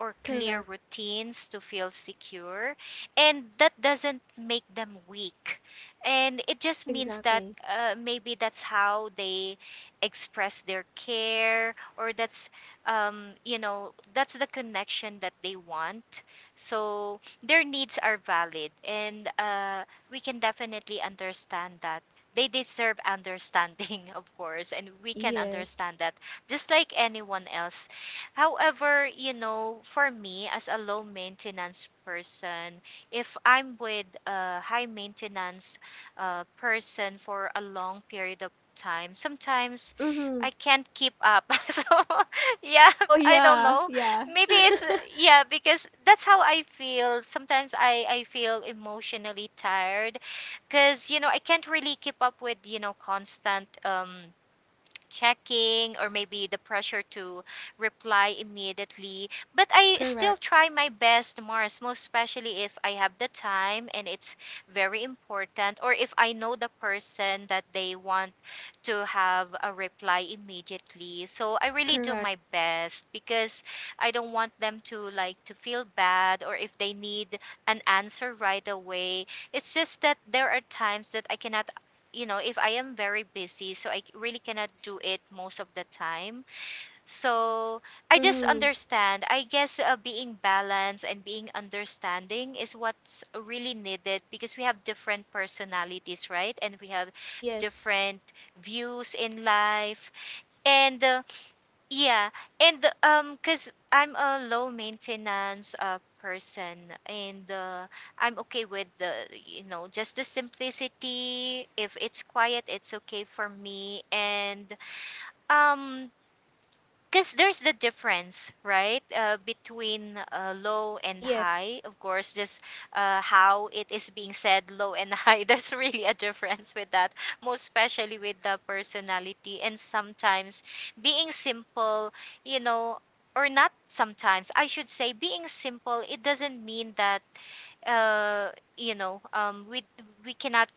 [SPEAKER 2] or clear
[SPEAKER 1] correct,
[SPEAKER 2] routines to feel secure. And that doesn't make them weak. And it just means that,
[SPEAKER 1] exactly,
[SPEAKER 2] uh, maybe that's how they express their care, or that's um, you know, that's the connection that they want. So their needs are valid, and uh, we can definitely understand that. They deserve understanding, of course, and we can
[SPEAKER 1] yes.
[SPEAKER 2] understand that just like anyone else. However, you know, for me as a low maintenance person, if I'm with a high maintenance uh, person for a long period of time, sometimes
[SPEAKER 1] Mm-hmm.
[SPEAKER 2] I can't keep up. So yeah,
[SPEAKER 1] Oh
[SPEAKER 2] I don't
[SPEAKER 1] yeah,
[SPEAKER 2] know.
[SPEAKER 1] yeah.
[SPEAKER 2] Maybe it's, yeah, because that's how I feel. Sometimes I I feel emotionally tired, because you know, I can't really keep up with, you know, constant um checking, or maybe the pressure to reply immediately. But I still
[SPEAKER 1] Correct,
[SPEAKER 2] try my best, Mars, most especially if I have the time and it's very important, or if I know the person that they want to have a reply immediately. So I really do
[SPEAKER 1] correct.
[SPEAKER 2] my best, because I don't want them to like to feel bad, or if they need an answer right away. It's just that there are times that I cannot, you know, if I am very busy, so I really cannot do it most of the time. So I just
[SPEAKER 1] Mm-hmm.
[SPEAKER 2] understand. I guess uh, being balanced and being understanding is what's really needed, because we have different personalities, right? And we have
[SPEAKER 1] Yes,
[SPEAKER 2] different views in life. And uh, yeah, and um, cause I'm a low maintenance uh person, and uh, I'm okay with the you know just the simplicity. If it's quiet, it's okay for me, and um because there's the difference, right, uh, between uh, low and
[SPEAKER 1] yes.
[SPEAKER 2] high, of course. Just uh, how it is being said, low and high, there's really a difference with that, most especially with the personality. And sometimes being simple, you know or not, sometimes I should say being simple, it doesn't mean that uh, you know um, we we cannot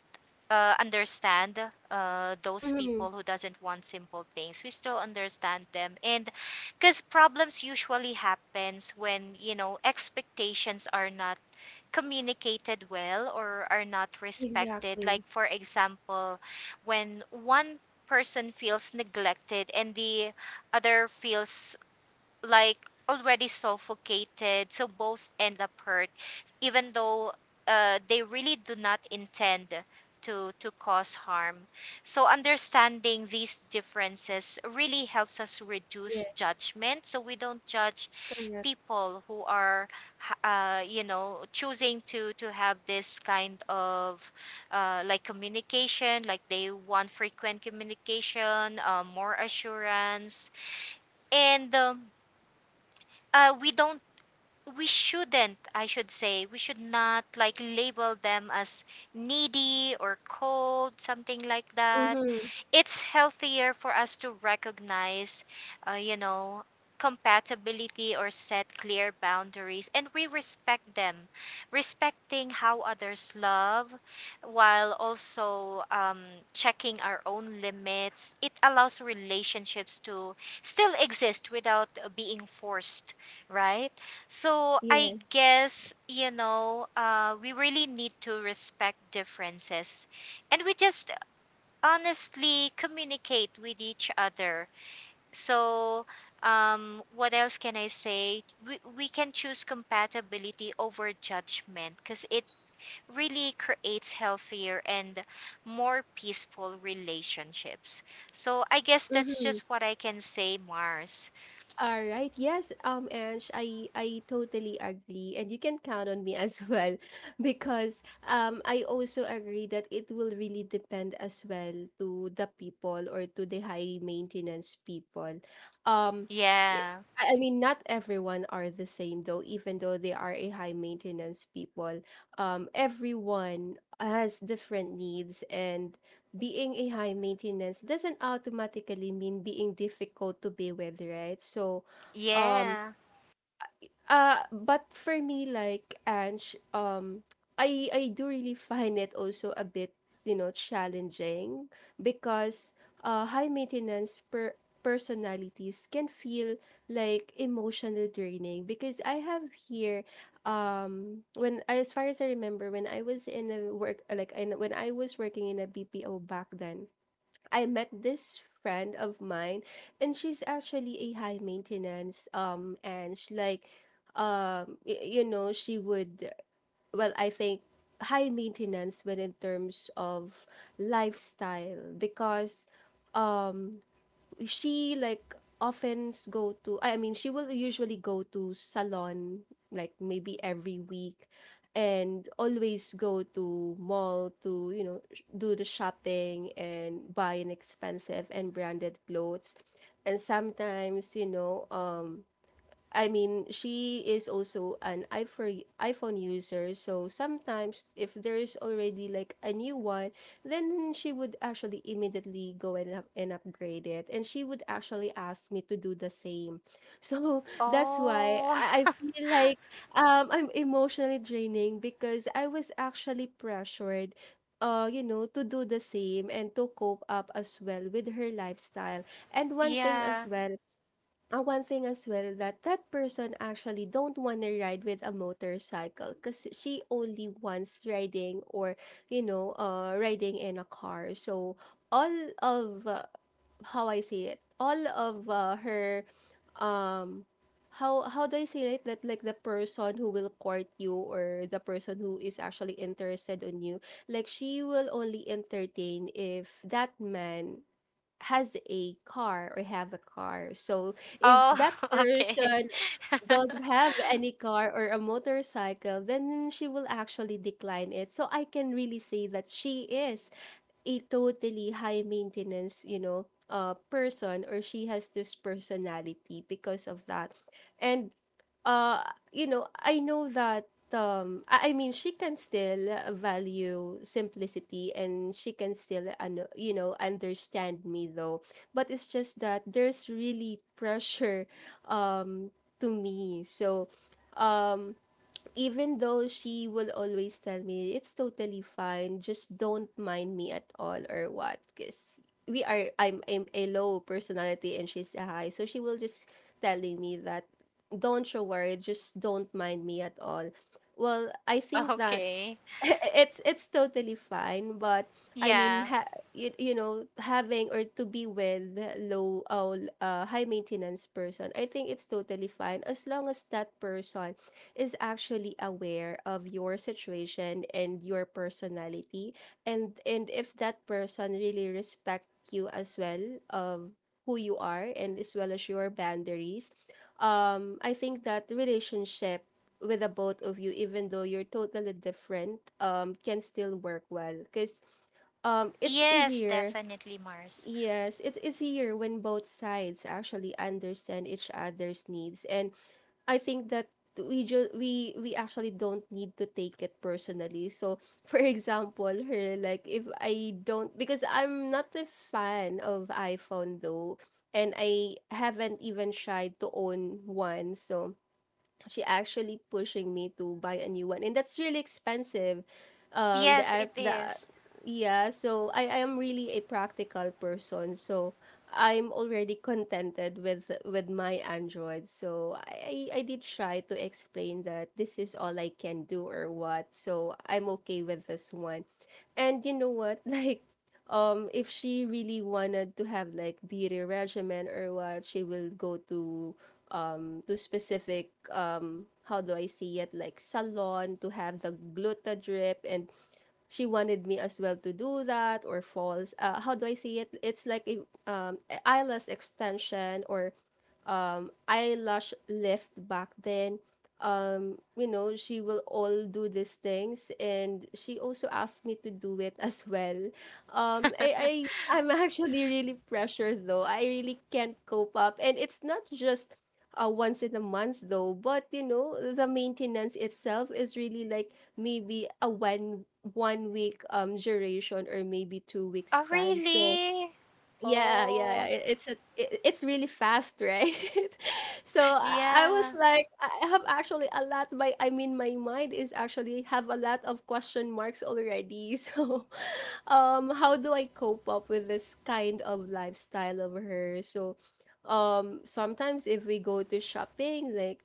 [SPEAKER 2] uh, understand uh, those
[SPEAKER 1] Mm-hmm.
[SPEAKER 2] people who doesn't want simple things. We still understand them. And because problems usually happens when you know expectations are not communicated well or are not respected, like
[SPEAKER 1] Exactly.
[SPEAKER 2] for example, when one person feels neglected and the other feels like already suffocated, so both end up hurt, even though uh, they really do not intend to to cause harm. So understanding these differences really helps us reduce
[SPEAKER 1] Yes,
[SPEAKER 2] judgment, so we don't judge
[SPEAKER 1] correct.
[SPEAKER 2] people who are uh, you know choosing to to have this kind of uh, like communication, like they want frequent communication, uh, more assurance. And um, uh, we don't, we shouldn't I should say, we should not like label them as needy or cold, something like that.
[SPEAKER 1] Mm-hmm.
[SPEAKER 2] It's healthier for us to recognize, uh, you know, compatibility or set clear boundaries, and we respect them, respecting how others love, while also um, checking our own limits. It allows relationships to still exist without uh, being forced, right? So I
[SPEAKER 1] Yes.
[SPEAKER 2] guess, you know uh, we really need to respect differences, and we just honestly communicate with each other. So, um, what else can I say? We, we can choose compatibility over judgment, because it really creates healthier and more peaceful relationships. So, I guess that's
[SPEAKER 1] Mm-hmm.
[SPEAKER 2] just what I can say, Mars.
[SPEAKER 1] All right, yes, um, Ange, I I totally agree, and you can count on me as well, because um, I also agree that it will really depend as well to the people or to the high maintenance people. Um, i-
[SPEAKER 2] Yeah.
[SPEAKER 1] I I mean, not everyone are the same though, even though they are a high maintenance people. Um, everyone has different needs, and being a high maintenance doesn't automatically mean being difficult to be with, right? So, um,
[SPEAKER 2] Yeah.
[SPEAKER 1] uh, but for me, like Ange, um, I I do really find it also a bit, you know, challenging, because uh, high maintenance per personalities can feel like emotional draining. Because I have here, um when, as far as I remember, when I was in a work, like in, when I was working in a B P O back then, I met this friend of mine, and she's actually a high maintenance, um and she like, um y- you know, she would, well, I think, high maintenance when in terms of lifestyle, because um she like often go to, I I mean, she will usually go to salon like maybe every week, and always go to mall to, you know, sh- do the shopping and buy an expensive and branded clothes. And sometimes, you know, um I mean, she is also an iPhone iPhone user, so sometimes if there is already like a new one, then she would actually immediately go and up- and upgrade it, and she would actually ask me to do the same. So that's why
[SPEAKER 2] Oh,
[SPEAKER 1] I I feel like um I'm emotionally draining, because I was actually pressured uh you know, to do the same and to cope up as well with her lifestyle. And one thing as
[SPEAKER 2] yeah.
[SPEAKER 1] well, uh, one thing as well, that that person actually don't want to ride with a motorcycle because she only wants riding or, you know, uh riding in a car. So all of uh, how I say it, all of uh, her, um, how how do I say it, that like the person who will court you or the person who is actually interested on you, like she will only entertain if that man has a car or have a car. So if
[SPEAKER 2] Oh,
[SPEAKER 1] that
[SPEAKER 2] okay.
[SPEAKER 1] person don't have any car or a motorcycle, then she will actually decline it. So I can really say that she is a totally high maintenance, you know, uh person, or she has this personality because of that. And uh you know, I know that um i I mean, she can still value simplicity, and she can still ano, you know, understand me though, but it's just that there's really pressure um to me. So um, even though she will always tell me it's totally fine, just don't mind me at all, or what, because we are I'm, I'm a low personality and she's a high, so she will just telling me that don't you worry, just don't mind me at all. Well, I think that
[SPEAKER 2] Okay.
[SPEAKER 1] it's it's totally fine, but I
[SPEAKER 2] Yeah.
[SPEAKER 1] mean, ha- you, you know, having or to be with low uh, l- uh high maintenance person, I think it's totally fine, as long as that person is actually aware of your situation and your personality, and and if that person really respect you as well of who you are, and as well as your boundaries. Um, I think that relationship with the both of you, even though you're totally different, um can still work well, because um it's
[SPEAKER 2] Yes,
[SPEAKER 1] easier.
[SPEAKER 2] definitely, Mars.
[SPEAKER 1] Yes, it's easier when both sides actually understand each other's needs. And I think that we ju- we we actually don't need to take it personally. So, for example, her, like, if I don't, because I'm not a fan of iPhone though, and I haven't even tried to own one. So, she actually pushing me to buy a new one, and that's really expensive, um the
[SPEAKER 2] Yes, it
[SPEAKER 1] app the
[SPEAKER 2] is.
[SPEAKER 1] yeah. So I I am really a practical person, so I'm already contented with with my android. So i i I did try to explain that this is all I can do, or what, so I'm okay with this one. And you know what, like, um if she really wanted to have like beauty regimen or what, she will go to um to specific, um how do I see it, like salon, to have the glutadrip. And she wanted me as well to do that, or falls, uh, how do I see it, it's like a, um eyelash extension, or um, eyelash lift back then. Um, you know, she will all do these things, and she also asked me to do it as well.
[SPEAKER 2] Oh,
[SPEAKER 1] Um, I, I I'm actually really pressured though. I really can't cope up, and it's not just uh, once in a month though. But you know, the maintenance itself is really like maybe a one one week um duration, or maybe two week span. So
[SPEAKER 2] really?
[SPEAKER 1] yeah, yeah,
[SPEAKER 2] Oh,
[SPEAKER 1] it, it's a it, it's really fast, right? So, I, I was
[SPEAKER 2] yeah.
[SPEAKER 1] like, I I have actually a lot. My I mean, my mind is actually have a lot of question marks already. So, um, how do I cope up with this kind of lifestyle of her? So, um, sometimes if we go to shopping, like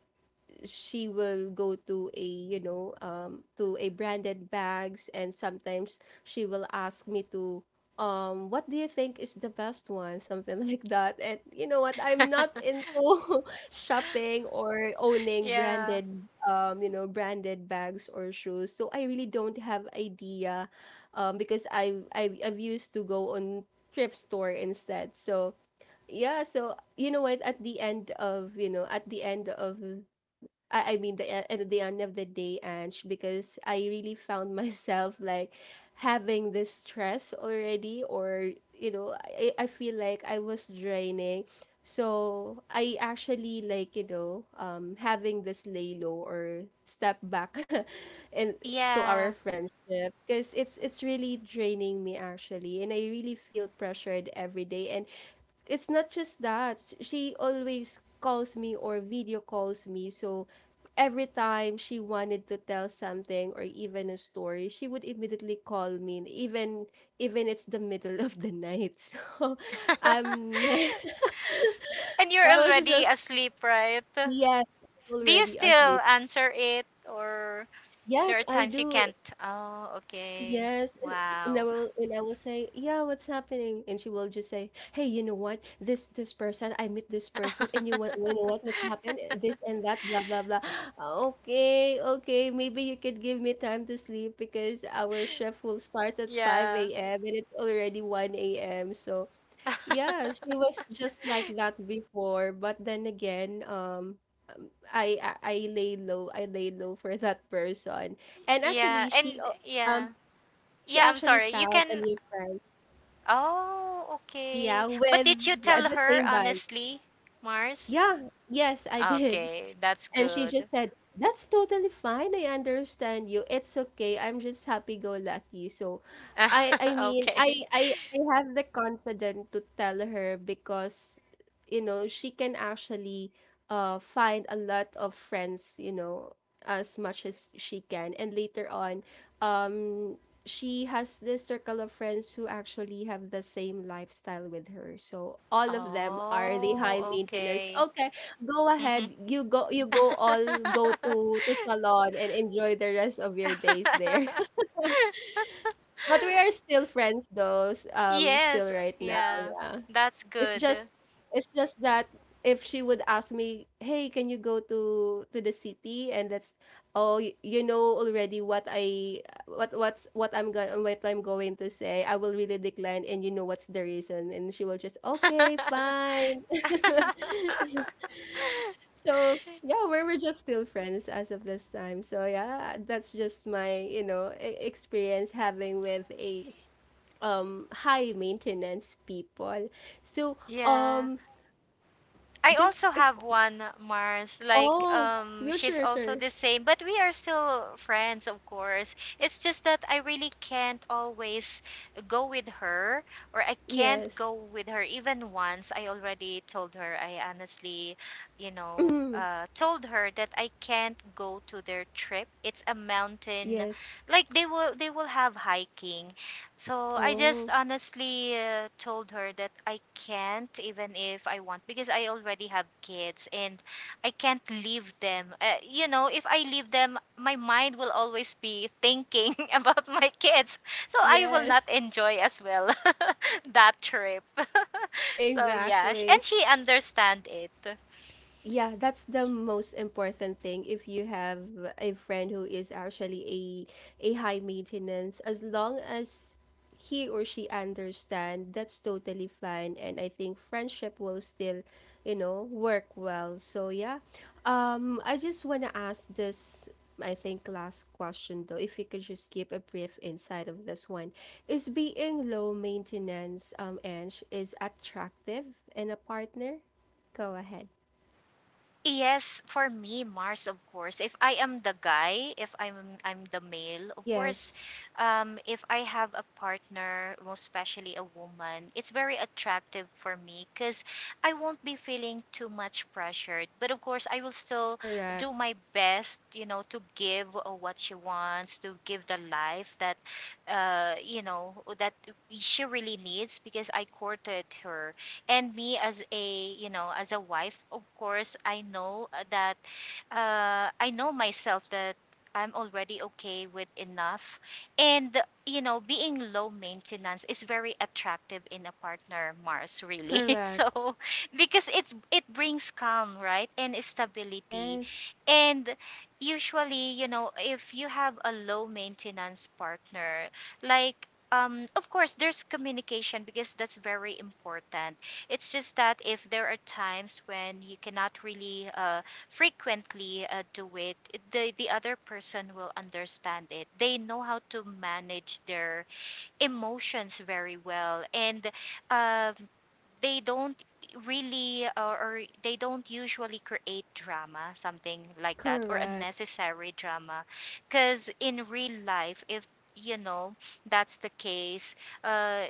[SPEAKER 1] she will go to a you know um to a branded bags, and sometimes she will ask me to um what do you think is the best one? Something like that. And you know what, I'm not into shopping or owning
[SPEAKER 2] Yeah.
[SPEAKER 1] branded um you know branded bags or shoes, so I really don't have idea um because i i've, I've used to go on thrift store instead. So yeah, so you know what, at the end of you know at the end of I, I mean the e- at the end of the day, Ange, because I really found myself like having this stress already, or you know, I, I feel like I was draining. So I actually like you know um having this lay low or step back, and to our
[SPEAKER 2] Yeah.
[SPEAKER 1] friendship, because it's it's really draining me actually, and I really feel pressured every day. And it's not just that. She always calls me or video calls me. So every time she wanted to tell something or even a story, she would immediately call me, and even even it's the middle of the night. So I'm
[SPEAKER 2] And you're
[SPEAKER 1] I was
[SPEAKER 2] already
[SPEAKER 1] just
[SPEAKER 2] asleep, right?
[SPEAKER 1] yes,
[SPEAKER 2] Do you
[SPEAKER 1] already
[SPEAKER 2] still
[SPEAKER 1] asleep.
[SPEAKER 2] answer it, or there are
[SPEAKER 1] Yes, I
[SPEAKER 2] times you
[SPEAKER 1] do.
[SPEAKER 2] can't? Oh, okay.
[SPEAKER 1] Yes, and and I
[SPEAKER 2] Wow.
[SPEAKER 1] will and I will say, "Yeah, what's happening?" And she will just say, "Hey, you know what? This this person, I meet this person, and you want you know what? What's happened? This and that, blah blah blah." Okay, okay, maybe you could give me time to sleep, because our shift will start at
[SPEAKER 2] Yeah.
[SPEAKER 1] five a m and it's already one a m. So yeah, she was just like that before, but then again, um. um, I, I I lay low. I lay low for that person. And
[SPEAKER 2] Yeah,
[SPEAKER 1] actually, she
[SPEAKER 2] and
[SPEAKER 1] uh, um
[SPEAKER 2] yeah.
[SPEAKER 1] she
[SPEAKER 2] Yeah, I'm
[SPEAKER 1] actually
[SPEAKER 2] sorry. You
[SPEAKER 1] found
[SPEAKER 2] can.
[SPEAKER 1] a new friend.
[SPEAKER 2] Oh,
[SPEAKER 1] Yeah,
[SPEAKER 2] okay. But did you
[SPEAKER 1] with the
[SPEAKER 2] tell
[SPEAKER 1] the
[SPEAKER 2] her
[SPEAKER 1] same bike.
[SPEAKER 2] honestly, Mars?
[SPEAKER 1] Yeah, yes, I did.
[SPEAKER 2] Okay, that's
[SPEAKER 1] And she just
[SPEAKER 2] good.
[SPEAKER 1] said, "That's totally fine. I understand you. It's okay. I'm just happy go lucky." So I I mean
[SPEAKER 2] Okay.
[SPEAKER 1] I, I I have the confidence to tell her, because you know she can actually uh find a lot of friends, you know, as much as she can. And later on, um she has this circle of friends who actually have the same lifestyle with her. So all of them are the high
[SPEAKER 2] Oh,
[SPEAKER 1] maintenance.
[SPEAKER 2] okay.
[SPEAKER 1] Okay, go
[SPEAKER 2] Hmm.
[SPEAKER 1] ahead. You go you go all Go to to Salon and enjoy the rest of your days there. But we are still friends though, s- um still
[SPEAKER 2] Yes,
[SPEAKER 1] right now,
[SPEAKER 2] yeah,
[SPEAKER 1] yeah.
[SPEAKER 2] that's
[SPEAKER 1] It's
[SPEAKER 2] good.
[SPEAKER 1] just it's just that if she would ask me, "Hey, can you go to to the city?" And that's, oh, you, you know already what I what what's what I'm going what I'm going to say. I will really decline, and you know what's the reason, and she will just, "Okay, fine." So yeah, we're we're just still friends as of this time. So yeah, that's just my you know e- experience having with a um high maintenance people. So
[SPEAKER 2] Yeah.
[SPEAKER 1] um
[SPEAKER 2] I also
[SPEAKER 1] just a,
[SPEAKER 2] have
[SPEAKER 1] qu-
[SPEAKER 2] one, Mars. Like
[SPEAKER 1] oh,
[SPEAKER 2] um
[SPEAKER 1] you
[SPEAKER 2] she's
[SPEAKER 1] sure,
[SPEAKER 2] also
[SPEAKER 1] sure,
[SPEAKER 2] the same, but we are still friends, of course. It's just that I really can't always go with her, or I can't
[SPEAKER 1] yes,
[SPEAKER 2] go with her even once. I already told her, I honestly, you know,
[SPEAKER 1] mm,
[SPEAKER 2] uh told her that I can't go to their trip. It's a mountain,
[SPEAKER 1] yes,
[SPEAKER 2] like they will they will have hiking. So I just
[SPEAKER 1] oh,
[SPEAKER 2] honestly uh, told her that I can't, even if I want, because I already have kids and I can't leave them. Uh, you know, if I leave them, my mind will always be thinking about my kids. So I will not
[SPEAKER 1] yes,
[SPEAKER 2] enjoy as well that trip. So yeah, sh- and
[SPEAKER 1] exactly.
[SPEAKER 2] she understand it.
[SPEAKER 1] Yeah, that's the most important thing. If you have a friend who is actually a a high maintenance, as long as he or she understand, that's totally fine, and I think friendship will still you know work well. So yeah. Um I just want to ask this, I think last question though, if you could just give a brief insight of this one, is being low maintenance um and is attractive in a partner? Go ahead.
[SPEAKER 2] Yes, for me, Mars, of course. If I am the guy, if I'm I'm the male, of course,
[SPEAKER 1] Yes.
[SPEAKER 2] um, if I have a partner, most especially a woman, it's very attractive for me because I won't be feeling too much pressured. But of course, I will still do
[SPEAKER 1] Correct.
[SPEAKER 2] my best, you know, to give uh, what she wants, to give the life that, uh, you know, that she really needs, because I courted her. And me as a, you know, as a wife, of course, I know uh, that uh, I know myself that I'm already okay with enough. And you know, being low maintenance is very attractive in a partner, Mars, really.
[SPEAKER 1] Correct.
[SPEAKER 2] So because it's, it brings calm, right, and stability.
[SPEAKER 1] Yes.
[SPEAKER 2] And usually, you know, if you have a low maintenance partner, like um, of course there's communication, because that's very important. It's just that if there are times when you cannot really uh, frequently uh, do it, it- the, the other person will understand it. They know how to manage their emotions very well. And um, they don't really, or, or they don't usually create drama, something like that, or
[SPEAKER 1] Correct.
[SPEAKER 2] unnecessary drama. Because in real life, if you know that's the case, uh,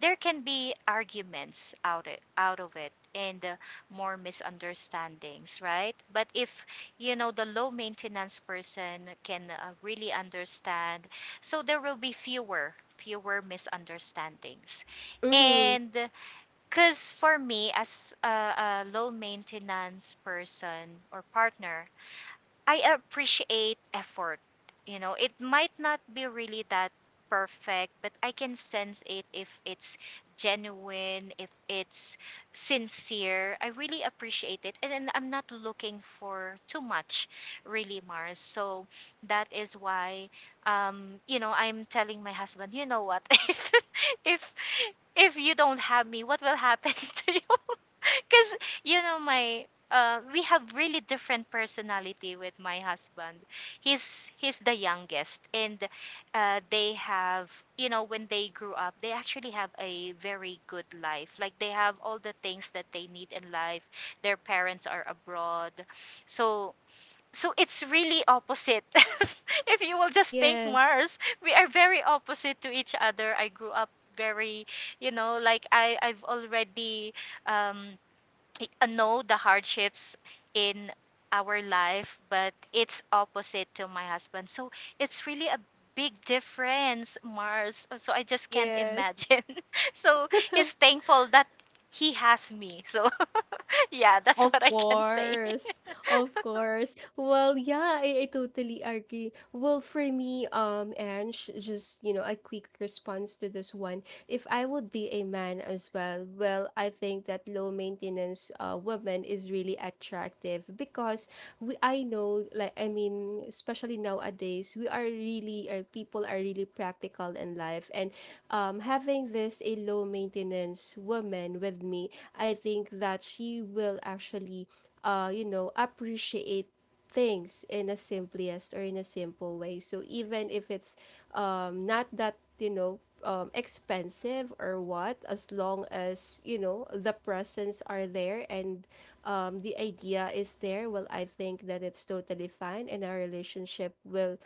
[SPEAKER 2] there can be arguments out it, out of it, and uh, more misunderstandings, right? But if you know the low maintenance person can uh, really understand, so there will be fewer fewer misunderstandings.
[SPEAKER 1] Mm-hmm.
[SPEAKER 2] And because for me, as a, a low maintenance person or partner, I appreciate effort. You know, it might not be really that perfect, but I can sense it if it's genuine, if it's sincere. I really appreciate it. And then I'm not looking for too much, really, Mars. So that is why, um, you know, I'm telling my husband, you know what, if, if, if you don't have me, what will happen to you? Because, you know, my uh, we have really different personality with my husband. He's he's the youngest, and uh, they have, you know, when they grew up, they actually have a very good life. Like they have all the things that they need in life. Their parents are abroad, so so it's really opposite. If you will just think,
[SPEAKER 1] Yes.
[SPEAKER 2] Mars, we are very opposite to each other. I grew up very, you know, like I I've already um I I know the hardships in our life, but it's opposite to my husband. So it's really a big difference, Mars. Uh, So I just can't
[SPEAKER 1] Yes.
[SPEAKER 2] imagine. So he's thankful that he has me. So yeah, that's what
[SPEAKER 1] Of
[SPEAKER 2] I can say.
[SPEAKER 1] course. Of course. Well, yeah, I, I totally agree. Well, for me, um, and sh- just you know, a quick response to this one. If I would be a man as well, well, I think that low maintenance uh woman is really attractive, because we I know, like I mean, especially nowadays, we are really uh, people are really practical in life, and um, having this a low maintenance woman with me, I think that she will actually uh, you know, appreciate things in a simplest or in a simple way. So even if it's um, not that, you know, um, expensive or what, as long as, you know, the presents are there, and um, the idea is there, well, I think that it's totally fine and our relationship will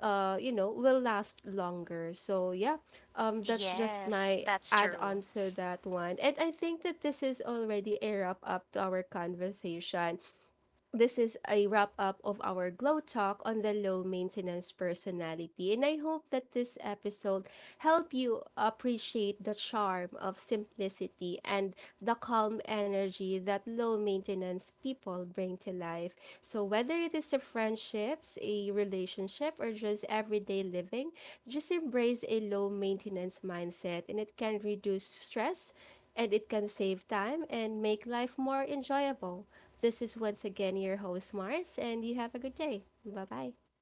[SPEAKER 1] uh, you know, will last longer. So yeah, um, that's just
[SPEAKER 2] Yes,
[SPEAKER 1] my
[SPEAKER 2] that's
[SPEAKER 1] add
[SPEAKER 2] true.
[SPEAKER 1] on to that one. And I think that this is already a wrap up to our conversation. This is a wrap up of our Glow Talk on the low maintenance personality, and I hope that this episode helped you appreciate the charm of simplicity and the calm energy that low maintenance people bring to life. So whether it is a friendships, a relationship, or just everyday living, just embrace a low maintenance mindset, and it can reduce stress, and it can save time and make life more enjoyable. This is once again your host, Mars, and you have a good day. Bye bye.